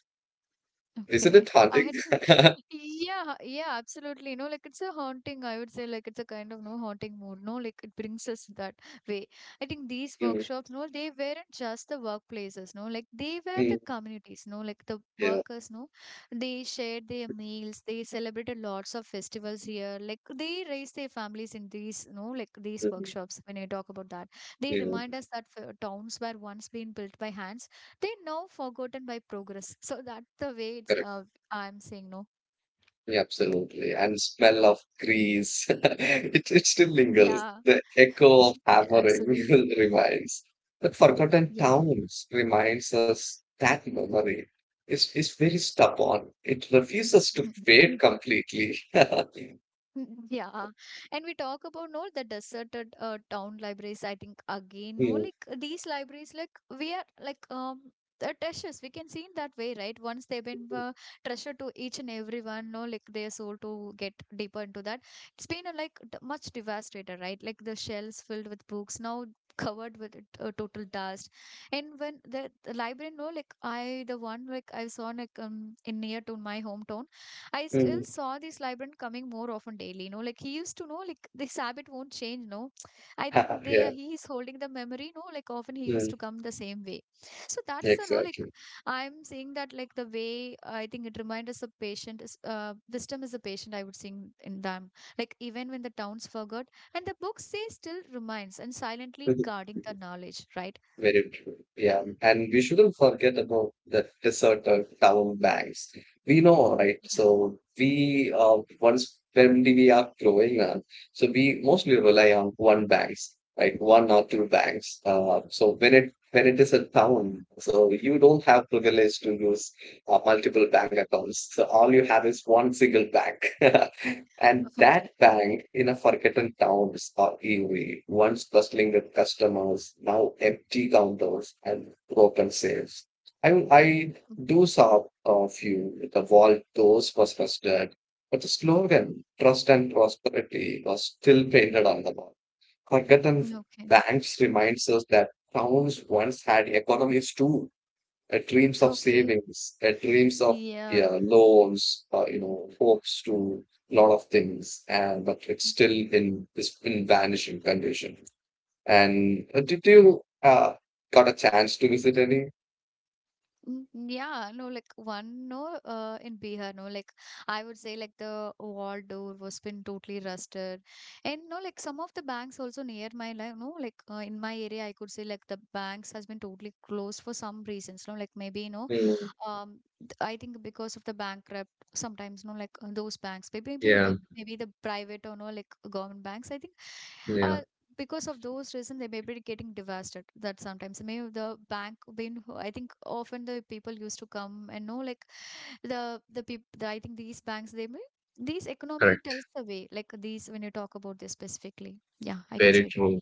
[SPEAKER 2] Isn't it
[SPEAKER 1] Okay. I
[SPEAKER 2] haunting?
[SPEAKER 1] had yeah, yeah, absolutely. No, like it's a haunting, I would say, like it's a kind of no haunting mood. No, like it brings us that way. I think these
[SPEAKER 2] Mm,
[SPEAKER 1] workshops, no, they weren't just the workplaces, no, like they were the
[SPEAKER 2] mm,
[SPEAKER 1] communities, no, like the
[SPEAKER 2] yeah,
[SPEAKER 1] workers, no, they shared their meals, they celebrated lots of festivals here, like they raised their families in these, no, like these
[SPEAKER 2] mm,
[SPEAKER 1] workshops when I talk about that. They
[SPEAKER 2] yeah.
[SPEAKER 1] remind us that towns were once been built by hands they now forgotten by progress. So that's the way it's, I'm saying no.
[SPEAKER 2] Yeah, absolutely. And smell of grease. It still lingers.
[SPEAKER 1] Yeah,
[SPEAKER 2] The echo of
[SPEAKER 1] yeah
[SPEAKER 2] hammering
[SPEAKER 1] absolutely.
[SPEAKER 2] reminds. But Forgotten
[SPEAKER 1] Yeah.
[SPEAKER 2] Towns reminds us that memory is very stubborn. It refuses to fade completely.
[SPEAKER 1] Mm, yeah, and we talk about no the deserted town libraries. I think again, no,
[SPEAKER 2] Mm,
[SPEAKER 1] like these libraries, like we are like the treasures. We can see in that way, right? Once they've been treasure to each and everyone, no, like their soul to get deeper into that. It's been a, like much devastated, right? Like the shelves filled with books now covered with total dust. And when the library, no, like I the one like I saw like in near to my hometown. I still
[SPEAKER 2] mm,
[SPEAKER 1] saw this librarian coming more often daily, you know, like he used to know, like this habit won't change, no. I think they
[SPEAKER 2] yeah,
[SPEAKER 1] are, he is holding the memory, no, like often he used
[SPEAKER 2] mm,
[SPEAKER 1] to come the same way. So that's the, no, like
[SPEAKER 2] exactly.
[SPEAKER 1] I'm saying that, like the way I think it reminds us of patient is, wisdom is a patient, I would sing in them. Like even when the towns forgot, and the books say still reminds and silently guarding the knowledge, right?
[SPEAKER 2] Very true. Yeah. And we shouldn't forget about the deserted town banks. We know, right? So we once when we are growing up, so we mostly rely on one banks, right? One or two banks. So when it is a town, so you don't have privilege to use multiple bank accounts. So all you have is one single bank. And
[SPEAKER 1] Okay.
[SPEAKER 2] that bank in a forgotten town is arguably once bustling with customers, now empty counters and broken sales. I
[SPEAKER 1] Mm,
[SPEAKER 2] do saw a few. The vault doors was rusted, but the slogan "Trust and Prosperity" was still painted on the wall. Forgotten
[SPEAKER 1] okay.
[SPEAKER 2] banks reminds us that towns once had economies too dreams of
[SPEAKER 1] Okay.
[SPEAKER 2] savings, dreams of
[SPEAKER 1] Yeah.
[SPEAKER 2] yeah, loans, hopes to a lot of things, and but it's still in this in vanishing condition. And did you got a chance to visit any?
[SPEAKER 1] Mm, yeah, no, like one no, in Bihar, no, like I would say, like the wall door was been totally rusted, and no, like some of the banks also near my life, no, like in my area, I could say like the banks has been totally closed for some reasons, no, like maybe you know,
[SPEAKER 2] Mm,
[SPEAKER 1] I think because of the bankrupt, sometimes no, like those banks, maybe
[SPEAKER 2] yeah,
[SPEAKER 1] the private or no, like government banks. I think,
[SPEAKER 2] yeah,
[SPEAKER 1] uh, because of those reason, they may be getting devastated. That sometimes maybe the bank been. I think often the people used to come and know like the people. I think these banks they may these economy
[SPEAKER 2] correct.
[SPEAKER 1] tells the way. Like these when you talk about this specifically, yeah, I could
[SPEAKER 2] Very
[SPEAKER 1] say that.
[SPEAKER 2] true.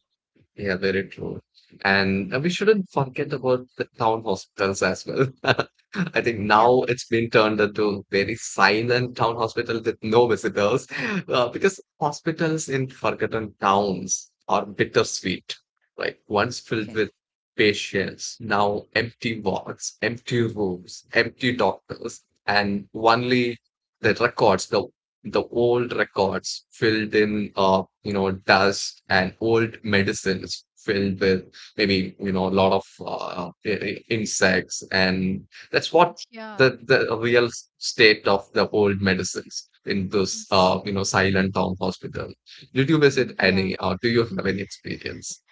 [SPEAKER 2] Yeah, very true. And we shouldn't forget about the town hospitals as well. I think
[SPEAKER 1] Yeah.
[SPEAKER 2] now it's been turned into very silent town hospital with no visitors, because hospitals in forgotten towns are bittersweet, right? Once filled
[SPEAKER 1] Okay.
[SPEAKER 2] with patients, now empty wards, empty rooms, empty doctors, and only the records, the old records filled in you know dust and old medicines filled with maybe you know a lot of insects and that's what
[SPEAKER 1] Yeah.
[SPEAKER 2] the real state of the old medicines in this
[SPEAKER 1] It's-
[SPEAKER 2] you know silent town hospital. Did you visit
[SPEAKER 1] Yeah.
[SPEAKER 2] any or do you have any experience?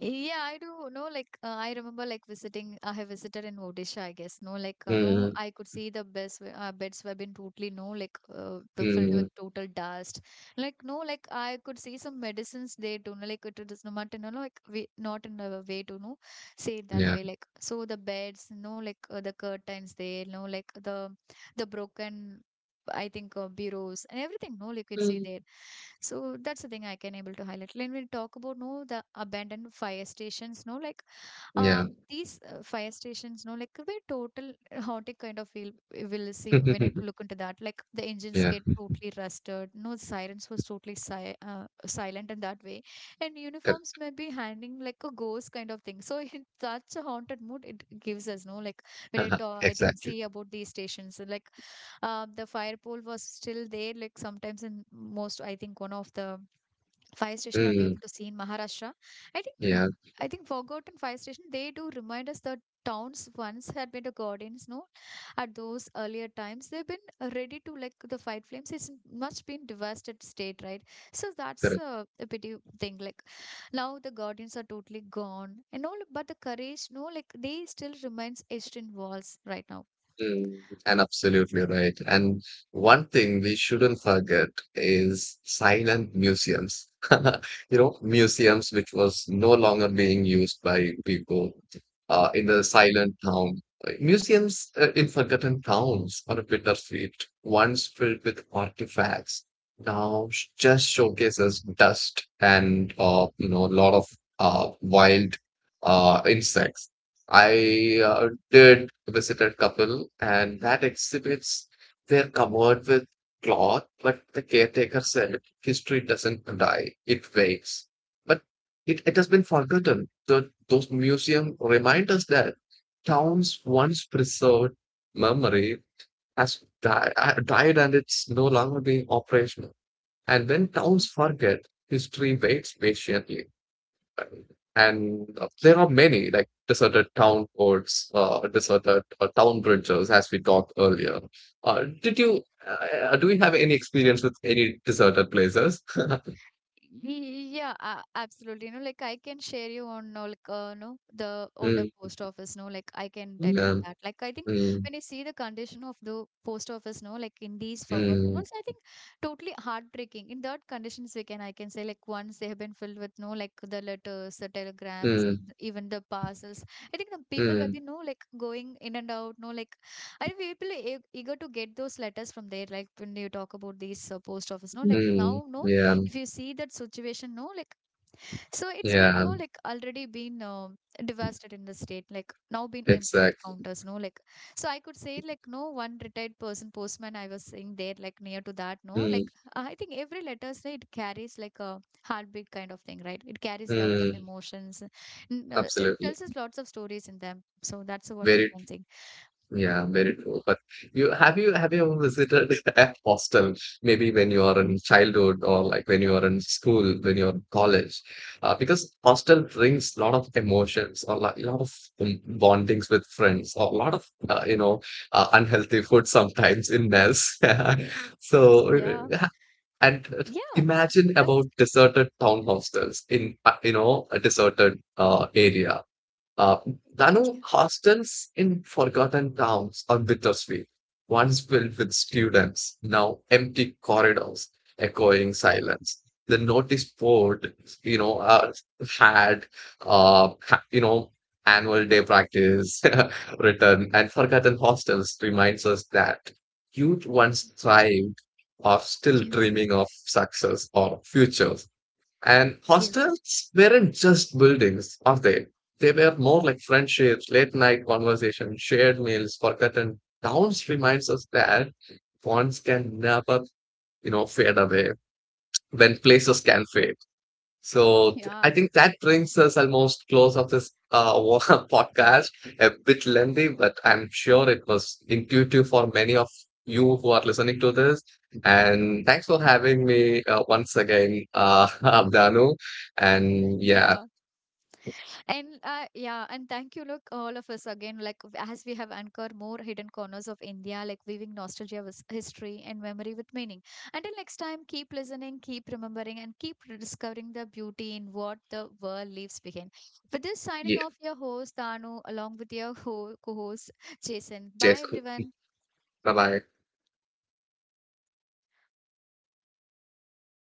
[SPEAKER 1] Yeah, I do. No, like I remember like visiting. I have visited in Odisha, I guess. No, like no,
[SPEAKER 2] Mm,
[SPEAKER 1] I could see the beds were been totally no like filled with
[SPEAKER 2] mm,
[SPEAKER 1] total dust. Like no, like I could see some medicines there too. No, like it is not in a no, like we not in a way to no say it that
[SPEAKER 2] yeah,
[SPEAKER 1] way. Like so the beds, no, like the curtains there, no, like the broken I think bureaus and everything. No, you could see
[SPEAKER 2] mm.
[SPEAKER 1] there. So that's the thing I can able to highlight. When we talk about no the abandoned fire stations, no like
[SPEAKER 2] Yeah.
[SPEAKER 1] these fire stations no like could be total haunted kind of feel we will see when you look into that like the engines
[SPEAKER 2] Yeah,
[SPEAKER 1] get totally rusted no sirens was totally silent in that way and uniforms
[SPEAKER 2] that-
[SPEAKER 1] may be hanging like a ghost kind of thing so in such a haunted mood it gives us no like when you talk I think
[SPEAKER 2] exactly,
[SPEAKER 1] see about these stations like the fire pole was still there like sometimes in most I think one of the fire station I'll be
[SPEAKER 2] mm,
[SPEAKER 1] able to see in Maharashtra. I think
[SPEAKER 2] yeah,
[SPEAKER 1] I think Forgotten Fire Station, they do remind us that towns once had been the guardians, no? At those earlier times, they've been ready to like the fight flames. It's much been devastated state, right? So that's
[SPEAKER 2] correct.
[SPEAKER 1] a pity thing. Like now the guardians are totally gone and all, but the courage, no, like they still remains etched in walls right now.
[SPEAKER 2] Mm, and absolutely right. And one thing we shouldn't forget is silent museums. You know, museums which was no longer being used by people in the silent town. Museums in forgotten towns on a bittersweet, once filled with artifacts, now just showcases dust and a lot of wild insects. I did visit a couple, and that exhibits they're covered with cloth, but the caretaker said history doesn't die, it waits. But it has been forgotten. Those museums remind us that towns once preserved memory has died and it's no longer being operational. And when towns forget, history waits patiently. And there are many like deserted town ports, deserted town bridges, as we talked earlier. Did you Do you have any experience with any deserted places?
[SPEAKER 1] Yeah, absolutely. You know, like I can share you on, like, no, the older
[SPEAKER 2] Mm,
[SPEAKER 1] post office, no, like I can tell you on
[SPEAKER 2] mm,
[SPEAKER 1] that. Like, I think
[SPEAKER 2] mm,
[SPEAKER 1] when you see the condition of the post office, no, like in these forgotten
[SPEAKER 2] mm,
[SPEAKER 1] rolls, I think totally heartbreaking. In that conditions, we can, I can say, like, once they have been filled with, no, like the letters, the telegrams,
[SPEAKER 2] mm,
[SPEAKER 1] and even the parcels. I think the people have
[SPEAKER 2] mm,
[SPEAKER 1] been, no, like going in and out, no, like, I think people are eager to get those letters from there, like when you talk about these post office, no, like
[SPEAKER 2] mm.
[SPEAKER 1] now, no
[SPEAKER 2] Yeah,
[SPEAKER 1] if you see that situation no like so it's been
[SPEAKER 2] yeah,
[SPEAKER 1] no like already been devastated in the state like now been empty with
[SPEAKER 2] exactly.
[SPEAKER 1] counters no like so I could say like no one retired person postman I was saying there like near to that no like
[SPEAKER 2] Mm,
[SPEAKER 1] I think every letter say it carries like a heartbeat kind of thing right it carries lots of
[SPEAKER 2] mm,
[SPEAKER 1] emotions it
[SPEAKER 2] absolutely.
[SPEAKER 1] tells us lots of stories in them so that's what we
[SPEAKER 2] Very
[SPEAKER 1] can say
[SPEAKER 2] Yeah, very true. But you ever visited a hostel? Maybe when you are in childhood or like when you are in school, when you're in college, because hostel brings a lot of emotions or like a lot of bondings with friends or a lot of unhealthy food sometimes in mess. So
[SPEAKER 1] yeah
[SPEAKER 2] uh, and
[SPEAKER 1] yeah
[SPEAKER 2] imagine about
[SPEAKER 1] absolutely.
[SPEAKER 2] deserted town hostels in a deserted area. Uh, Danu, hostels in forgotten towns are bittersweet, once filled with students, now empty corridors echoing silence. The notice board, you know, had, ha- you know, annual day practice written, and forgotten hostels reminds us that youth once thrived are still
[SPEAKER 1] Yeah
[SPEAKER 2] dreaming of success or futures. And hostels weren't just buildings, are they? They were more like friendships, late night conversations, shared meals, forgotten towns reminds us that bonds can never, fade away when places can fade. So I
[SPEAKER 1] yeah
[SPEAKER 2] think that brings us almost close of this podcast. A bit lengthy, but I'm sure it was intuitive for many of you who are listening to this. And thanks for having me once again, Abdanu. And yeah,
[SPEAKER 1] yeah and yeah and thank you look all of us again like as we have anchored more hidden corners of india like weaving nostalgia with history and memory with meaning until next time keep listening keep remembering and keep discovering the beauty in what the world leaves behind with this signing
[SPEAKER 2] yeah,
[SPEAKER 1] off your host danu along with your co-host jason bye
[SPEAKER 2] Jason.
[SPEAKER 1] everyone
[SPEAKER 2] Bye bye.